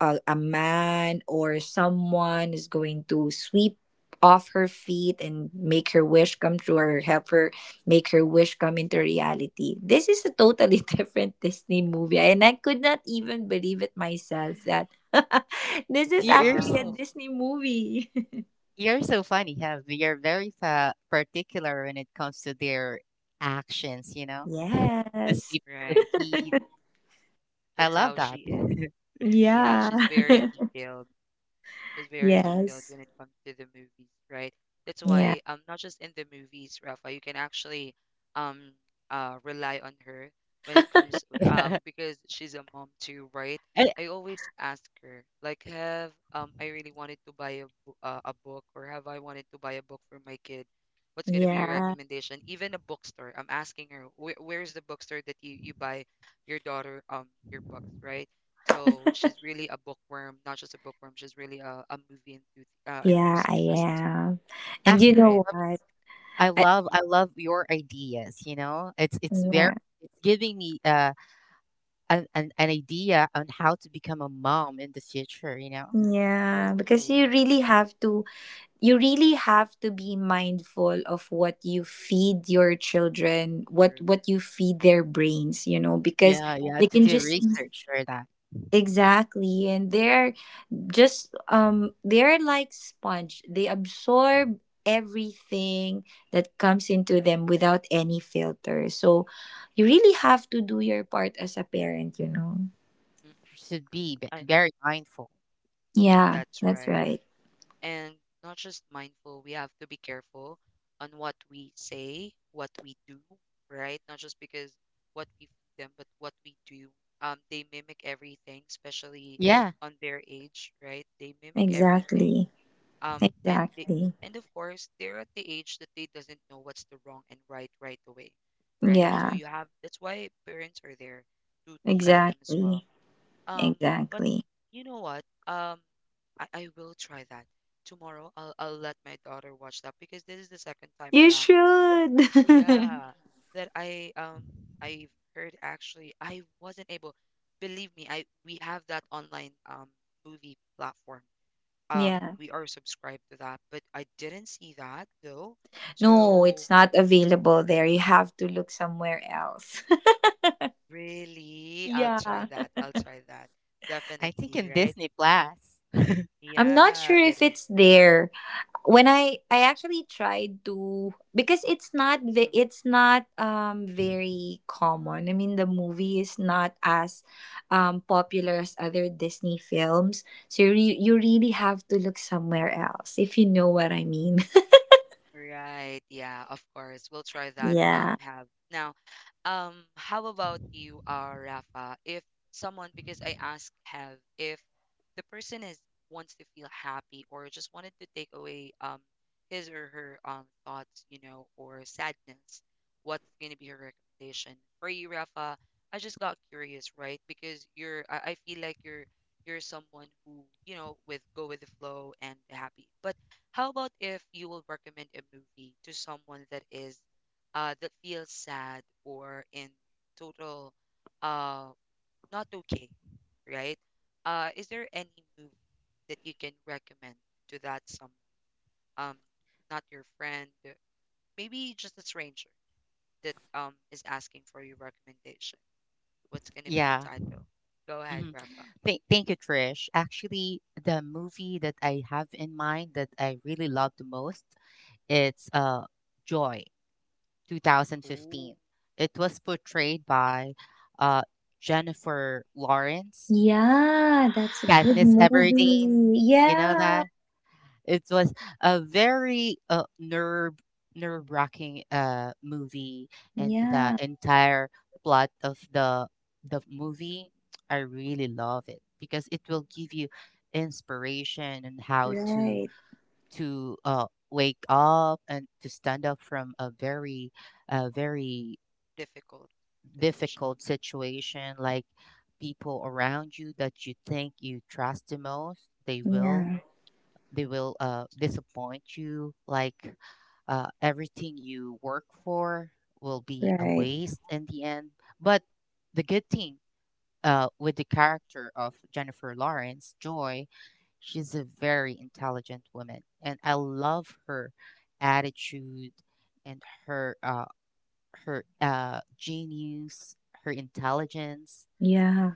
S3: a, a man or someone is going to sweep off her feet and make her wish come true, or help her make her wish come into reality. This is a totally different Disney movie, and I could not even believe it myself that this is
S2: You- You're
S3: actually a
S2: so,
S1: Wow.
S3: Disney movie.
S2: you're so funny, Have. You're very fa particular when it comes to their actions, you know? The
S3: Yes.
S2: sweep the
S1: Right.
S2: feet. I
S1: That's
S2: love
S1: how she
S2: that.
S1: is. Yeah,
S3: Yeah.
S1: she's very detailed. Is very detailed
S3: Yes.
S1: when it comes to the movies, right? That's
S3: Yeah.
S1: why, um not just in the movies, Rafa, you can actually um uh rely on her when it comes, um
S2: Yeah.
S1: because she's a mom too, right?
S2: And
S1: I always ask her, like, have, um I really wanted to buy a bo- uh, a book. Or have, I wanted to buy a book for my kid? What's gonna be your
S3: Yeah.
S1: recommendation? Even a bookstore, I'm asking her, where where's the bookstore that you you buy your daughter, um your books, right? So she's really a bookworm, not just a bookworm. She's really a, a movie enthusi- uh,
S3: Yeah, I
S1: enthusiast, too,
S3: am. And you
S2: actually,
S1: right.
S3: know
S2: let me
S3: what?
S2: s- I
S3: I,
S2: love
S1: Mm,
S2: I love your ideas. You know, it's it's very
S3: yeah.
S2: it's giving me uh an, an an idea on how to become a mom in the future. You know,
S3: Yeah, because you
S1: Oh,
S3: really have to, you really have to be mindful of what you feed your children, what
S1: true,
S3: what you feed their brains, you know, because
S2: yeah, yeah,
S3: they
S2: to
S3: can
S2: do
S3: just mhm.
S2: research for that
S3: Exactly, and they're just um they're like sponge. They absorb everything that comes
S1: true.
S3: into them without any filter. So you really have to do your part as a parent, you know.
S1: Mm,
S2: should be b-
S1: I,
S2: very mindful.
S3: Yeah,
S1: that's
S3: that's
S1: right.
S3: right.
S1: And not just mindful. We have to be careful on what we say, what we do, right? Not just because what we feed them, but what we do. Um, they mimic everything, especially
S2: Yeah,
S1: on their age, right? They mimic everything,
S3: Exactly.
S1: um and they,
S3: Exactly.
S1: and of course they're at the age that they doesn't know what's the wrong and right right away, right? So
S3: Yeah,
S1: you have, that's why parents are there to to guide them as well.
S3: exactly.
S1: um but
S3: Exactly.
S1: you know what, um i, I will try that tomorrow. I'll, I'll let my daughter watch that because this is the second time
S3: You
S1: around,
S3: should.
S1: yeah, that i um i've heard. Actually, I wasn't able, believe me, I, we have that online um movie platform, um
S3: Yeah.
S1: we are subscribed to that, but I didn't see that though.
S3: No, it's
S1: So
S3: not available there. You have to look somewhere else.
S1: really, I'll try
S3: Yeah.
S1: that, I'll try that,
S2: I think
S1: definitely,
S2: in
S1: right?
S2: Disney Plus.
S3: I'm not
S1: Yeah,
S3: sure
S1: it
S3: if
S1: is.
S3: it's there. When I I actually tried to because it's not ve- it's not um very common. I mean, the movie is not as um popular as other Disney films. So you re- you really have to look somewhere else, if you know what I mean.
S1: Right. Yeah, of course. We'll try that, um,
S3: Yeah.
S1: have. Now, um, how about you, uh, Rafa? If someone, because I asked have, if the person is wants to feel happy or just wanted to take away um his or her um thoughts, you know, or sadness, what's gonna be your recommendation? For you, Rafa, I just got curious, right? Because you're I, I feel like you're you're someone who, you know, with go with the flow and happy. But how about if you will recommend a movie to someone that is uh that feels sad or in total uh not okay, right? Uh, is there any movie that you can recommend to that someone? Um, not your friend, maybe just a stranger that um is asking for your recommendation. What's going to be the
S2: Yeah.
S1: title? Go ahead,
S2: Mhm.
S1: Rafa.
S2: Thank, thank you, Trish. Actually, the movie that I have in mind that I really love the most, it's uh, Joy,
S1: Ooh,
S2: twenty fifteen. It was portrayed by uh, Jennifer Lawrence,
S3: Yeah, that's a good
S2: Katniss Everdeen.
S3: movie.
S2: You know
S3: Yeah.
S2: that? It was a very uh, nerve nerve wracking uh movie, and the
S3: Yeah.
S2: entire plot of the the movie, I really love it because it will give you inspiration and how to
S3: Right.
S2: to uh wake up and to stand up from a very uh very
S1: difficult situation.
S2: difficult situation, like people around you that you think you trust the most, they will
S3: Yeah.
S2: they will uh, disappoint you, like uh, everything you work for will be a
S3: Right.
S2: waste in the end. But the good thing uh, with the character of Jennifer Lawrence, Joy, she's a very intelligent woman, and I love her attitude and her uh, her uh, genius, her intelligence,
S3: Yeah.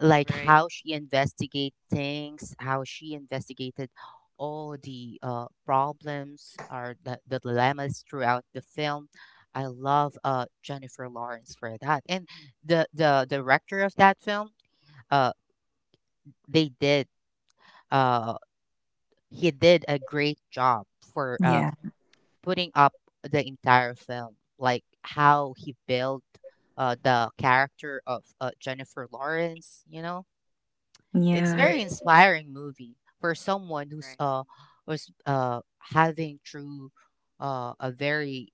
S2: like
S1: Right,
S2: how she investigate things, how she investigated all the uh, problems or the, the dilemmas throughout the film. I love uh, Jennifer Lawrence for that, and the the director of that film. Uh, they did. Uh, he did a great job for um,
S3: Yeah.
S2: putting up the entire film, like how he built uh, the character of uh, Jennifer Lawrence. You know it's
S3: Yeah.
S2: very
S1: right,
S2: inspiring movie for someone who's
S1: right.
S2: uh was uh having through uh a very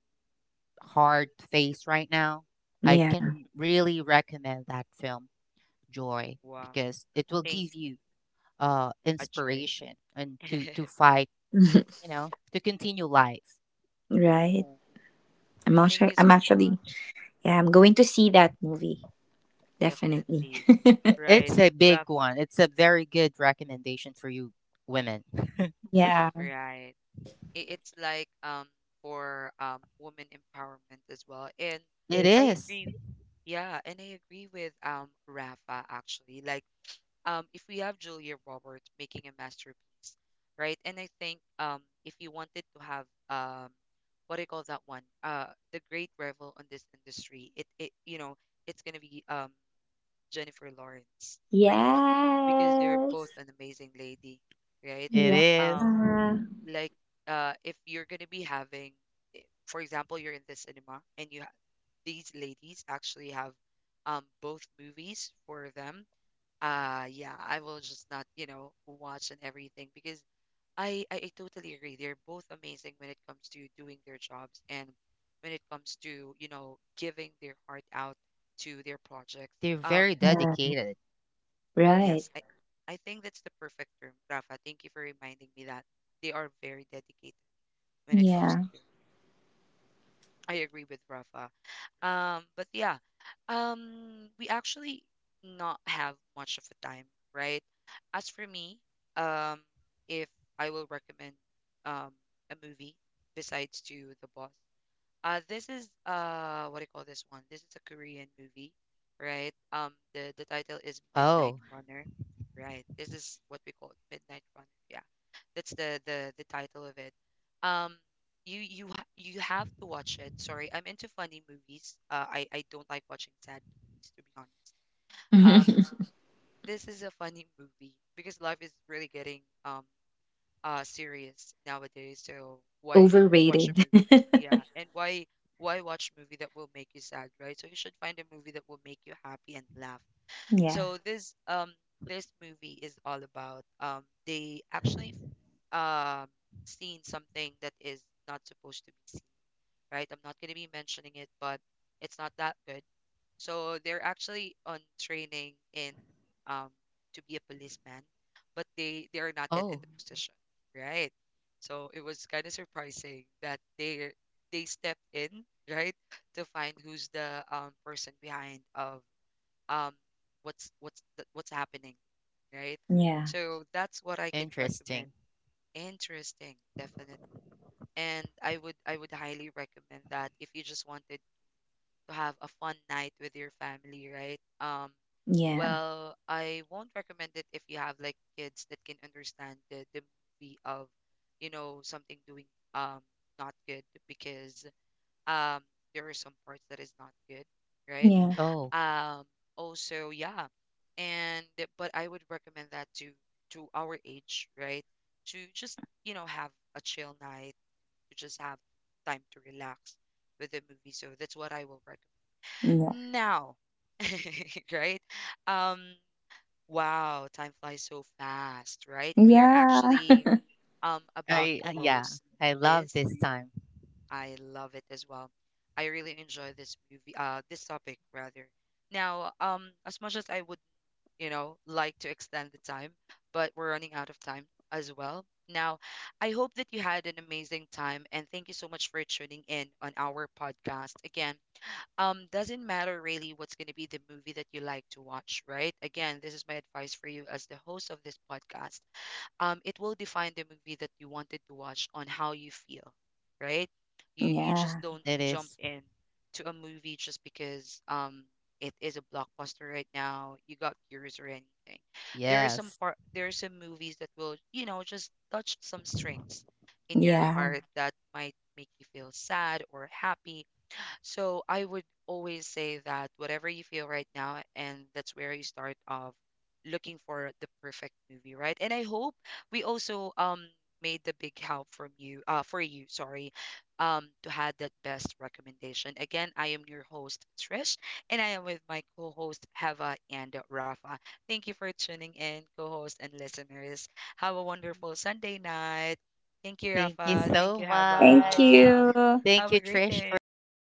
S2: hard phase right now. I
S3: Yeah.
S2: can really recommend that film, Joy,
S1: Wow.
S2: because it will
S1: Thank
S2: give
S1: you.
S2: you uh
S1: A joy.
S2: inspiration and to to fight, you know, to continue life.
S3: Right.
S1: Oh,
S3: I'm
S1: thank
S3: actually,
S1: you
S3: I'm
S1: so
S3: actually,
S1: much.
S3: yeah, I'm going to see that movie. Definitely.
S1: Definitely.
S2: I-
S1: Right.
S2: It's a big
S1: Rafa.
S2: one. It's a very good recommendation for you women.
S3: Yeah.
S1: Right. I- It's like, um for um women empowerment as well. And
S2: It
S1: I
S2: is.
S1: agree. Yeah, and I agree with um Rafa actually. Like, um if we have Julia Roberts making a masterpiece, right? And I think, um if you wanted to have, um what do you call that one? Uh, the great revel on this industry, it it you know, it's gonna be, um Jennifer Lawrence, really, because they're
S3: Yes.
S1: both an amazing lady, right?
S2: It
S3: Yeah.
S2: is.
S1: Um, like, uh, if you're gonna be having, eh, for example, you're in the cinema and you ha, these ladies actually have um both movies for them. Uh, yeah, I will just not, you know, watch and everything because I, I I totally agree. They're both amazing when it comes to doing their jobs and when it comes to, you know, giving their heart out to their projects.
S2: They're
S1: Um,
S2: very
S3: Yeah.
S2: dedicated.
S3: Right.
S1: Yes, I, I think that's the perfect term, Rafa. Thank you for reminding me that they are very dedicated when it comes
S3: Yeah.
S1: to their. I agree with Rafa. Um, but yeah, um, we actually not have much of a time, right? As for me, um, if I will recommend um a movie besides to The Boss, uh, this is, uh, what do you call this one? This is a Korean movie, right? Um, the the title is Midnight
S2: Oh,
S1: Runner, right? This is what we call it, Midnight Runner. Yeah, that's the the the title of it. Um, you you ha- you have to watch it. Sorry, I'm into funny movies. Uh, I I don't like watching sad movies, to be honest. Um, this is a funny movie because life is really getting, um uh series nowadays. So why watch a
S3: Overrated.
S1: movie? Yeah, and why why watch movie that will make you sad, right? So you should find a movie that will make you happy and laugh.
S3: Yeah.
S1: So this, um this movie is all about, um they actually, um seen something that is not supposed to be seen, right? I'm not gonna be mentioning it, but it's not that good. So they're actually on training in, um to be a policeman, but they they are not yet
S2: oh,
S1: in the position, right? So it was kind of surprising that they they stepped in, right, to find who's the, um person behind of, um what's what's the, what's happening, right?
S3: Yeah.
S1: So that's what I can
S2: interesting.
S1: recommend. Interesting, definitely. And I would I would highly recommend that if you just wanted to have a fun night with your family, right? Um,
S3: Yeah.
S1: well, I won't recommend it if you have like kids that can understand the, the movie of, you know, something doing, um not good because, um there are some parts that is not good, right?
S3: Yeah.
S2: Oh,
S1: Um, also, yeah. And but I would recommend that to to our age, right? To just, you know, have a chill night, to just have time to relax with the movie. So that's what I will
S3: Yeah.
S1: recommend. Now, right? Um, wow, time flies so fast, right? We are
S3: Yeah.
S1: actually, um about
S2: I
S1: to
S2: uh, yeah,
S1: close
S2: I love
S1: this.
S2: this time.
S1: I love it as well. I really enjoy this movie, uh, this topic rather. Now, um, as much as I would, you know, like to extend the time, but we're running out of time as well. Now, I hope that you had an amazing time and thank you so much for tuning in on our podcast. Again, um doesn't matter really what's going to be the movie that you like to watch, right? Again, this is my advice for you as the host of this podcast. Um, it will define the movie that you wanted to watch on how you feel, right? You you just
S3: Yeah.
S1: don't
S2: It
S1: jump
S2: is.
S1: in to a movie just because, um it is a blockbuster right now, you got curious or anything. There is some
S2: Yes.
S1: part, there are some movies that will, you know, just touch some strings in your
S3: Yeah.
S1: heart that might make you feel sad or happy. So I would always say that whatever you feel right now, and that's where you start off looking for the perfect movie, right? And I hope we also, um made the big help from you, uh, for you, sorry, um, to have that best recommendation. Again, I am your host Trish, and I am with my co-host Heva and Rafa. Thank you for tuning in, co-host and listeners. Have a wonderful Sunday night. Thank you,
S2: Thank you
S1: Rafa. Thank you,
S2: so
S3: Thank
S2: much.
S1: Heva.
S3: you.
S1: Have
S2: Thank
S1: a
S2: you,
S1: great
S2: Trish, for having
S1: day.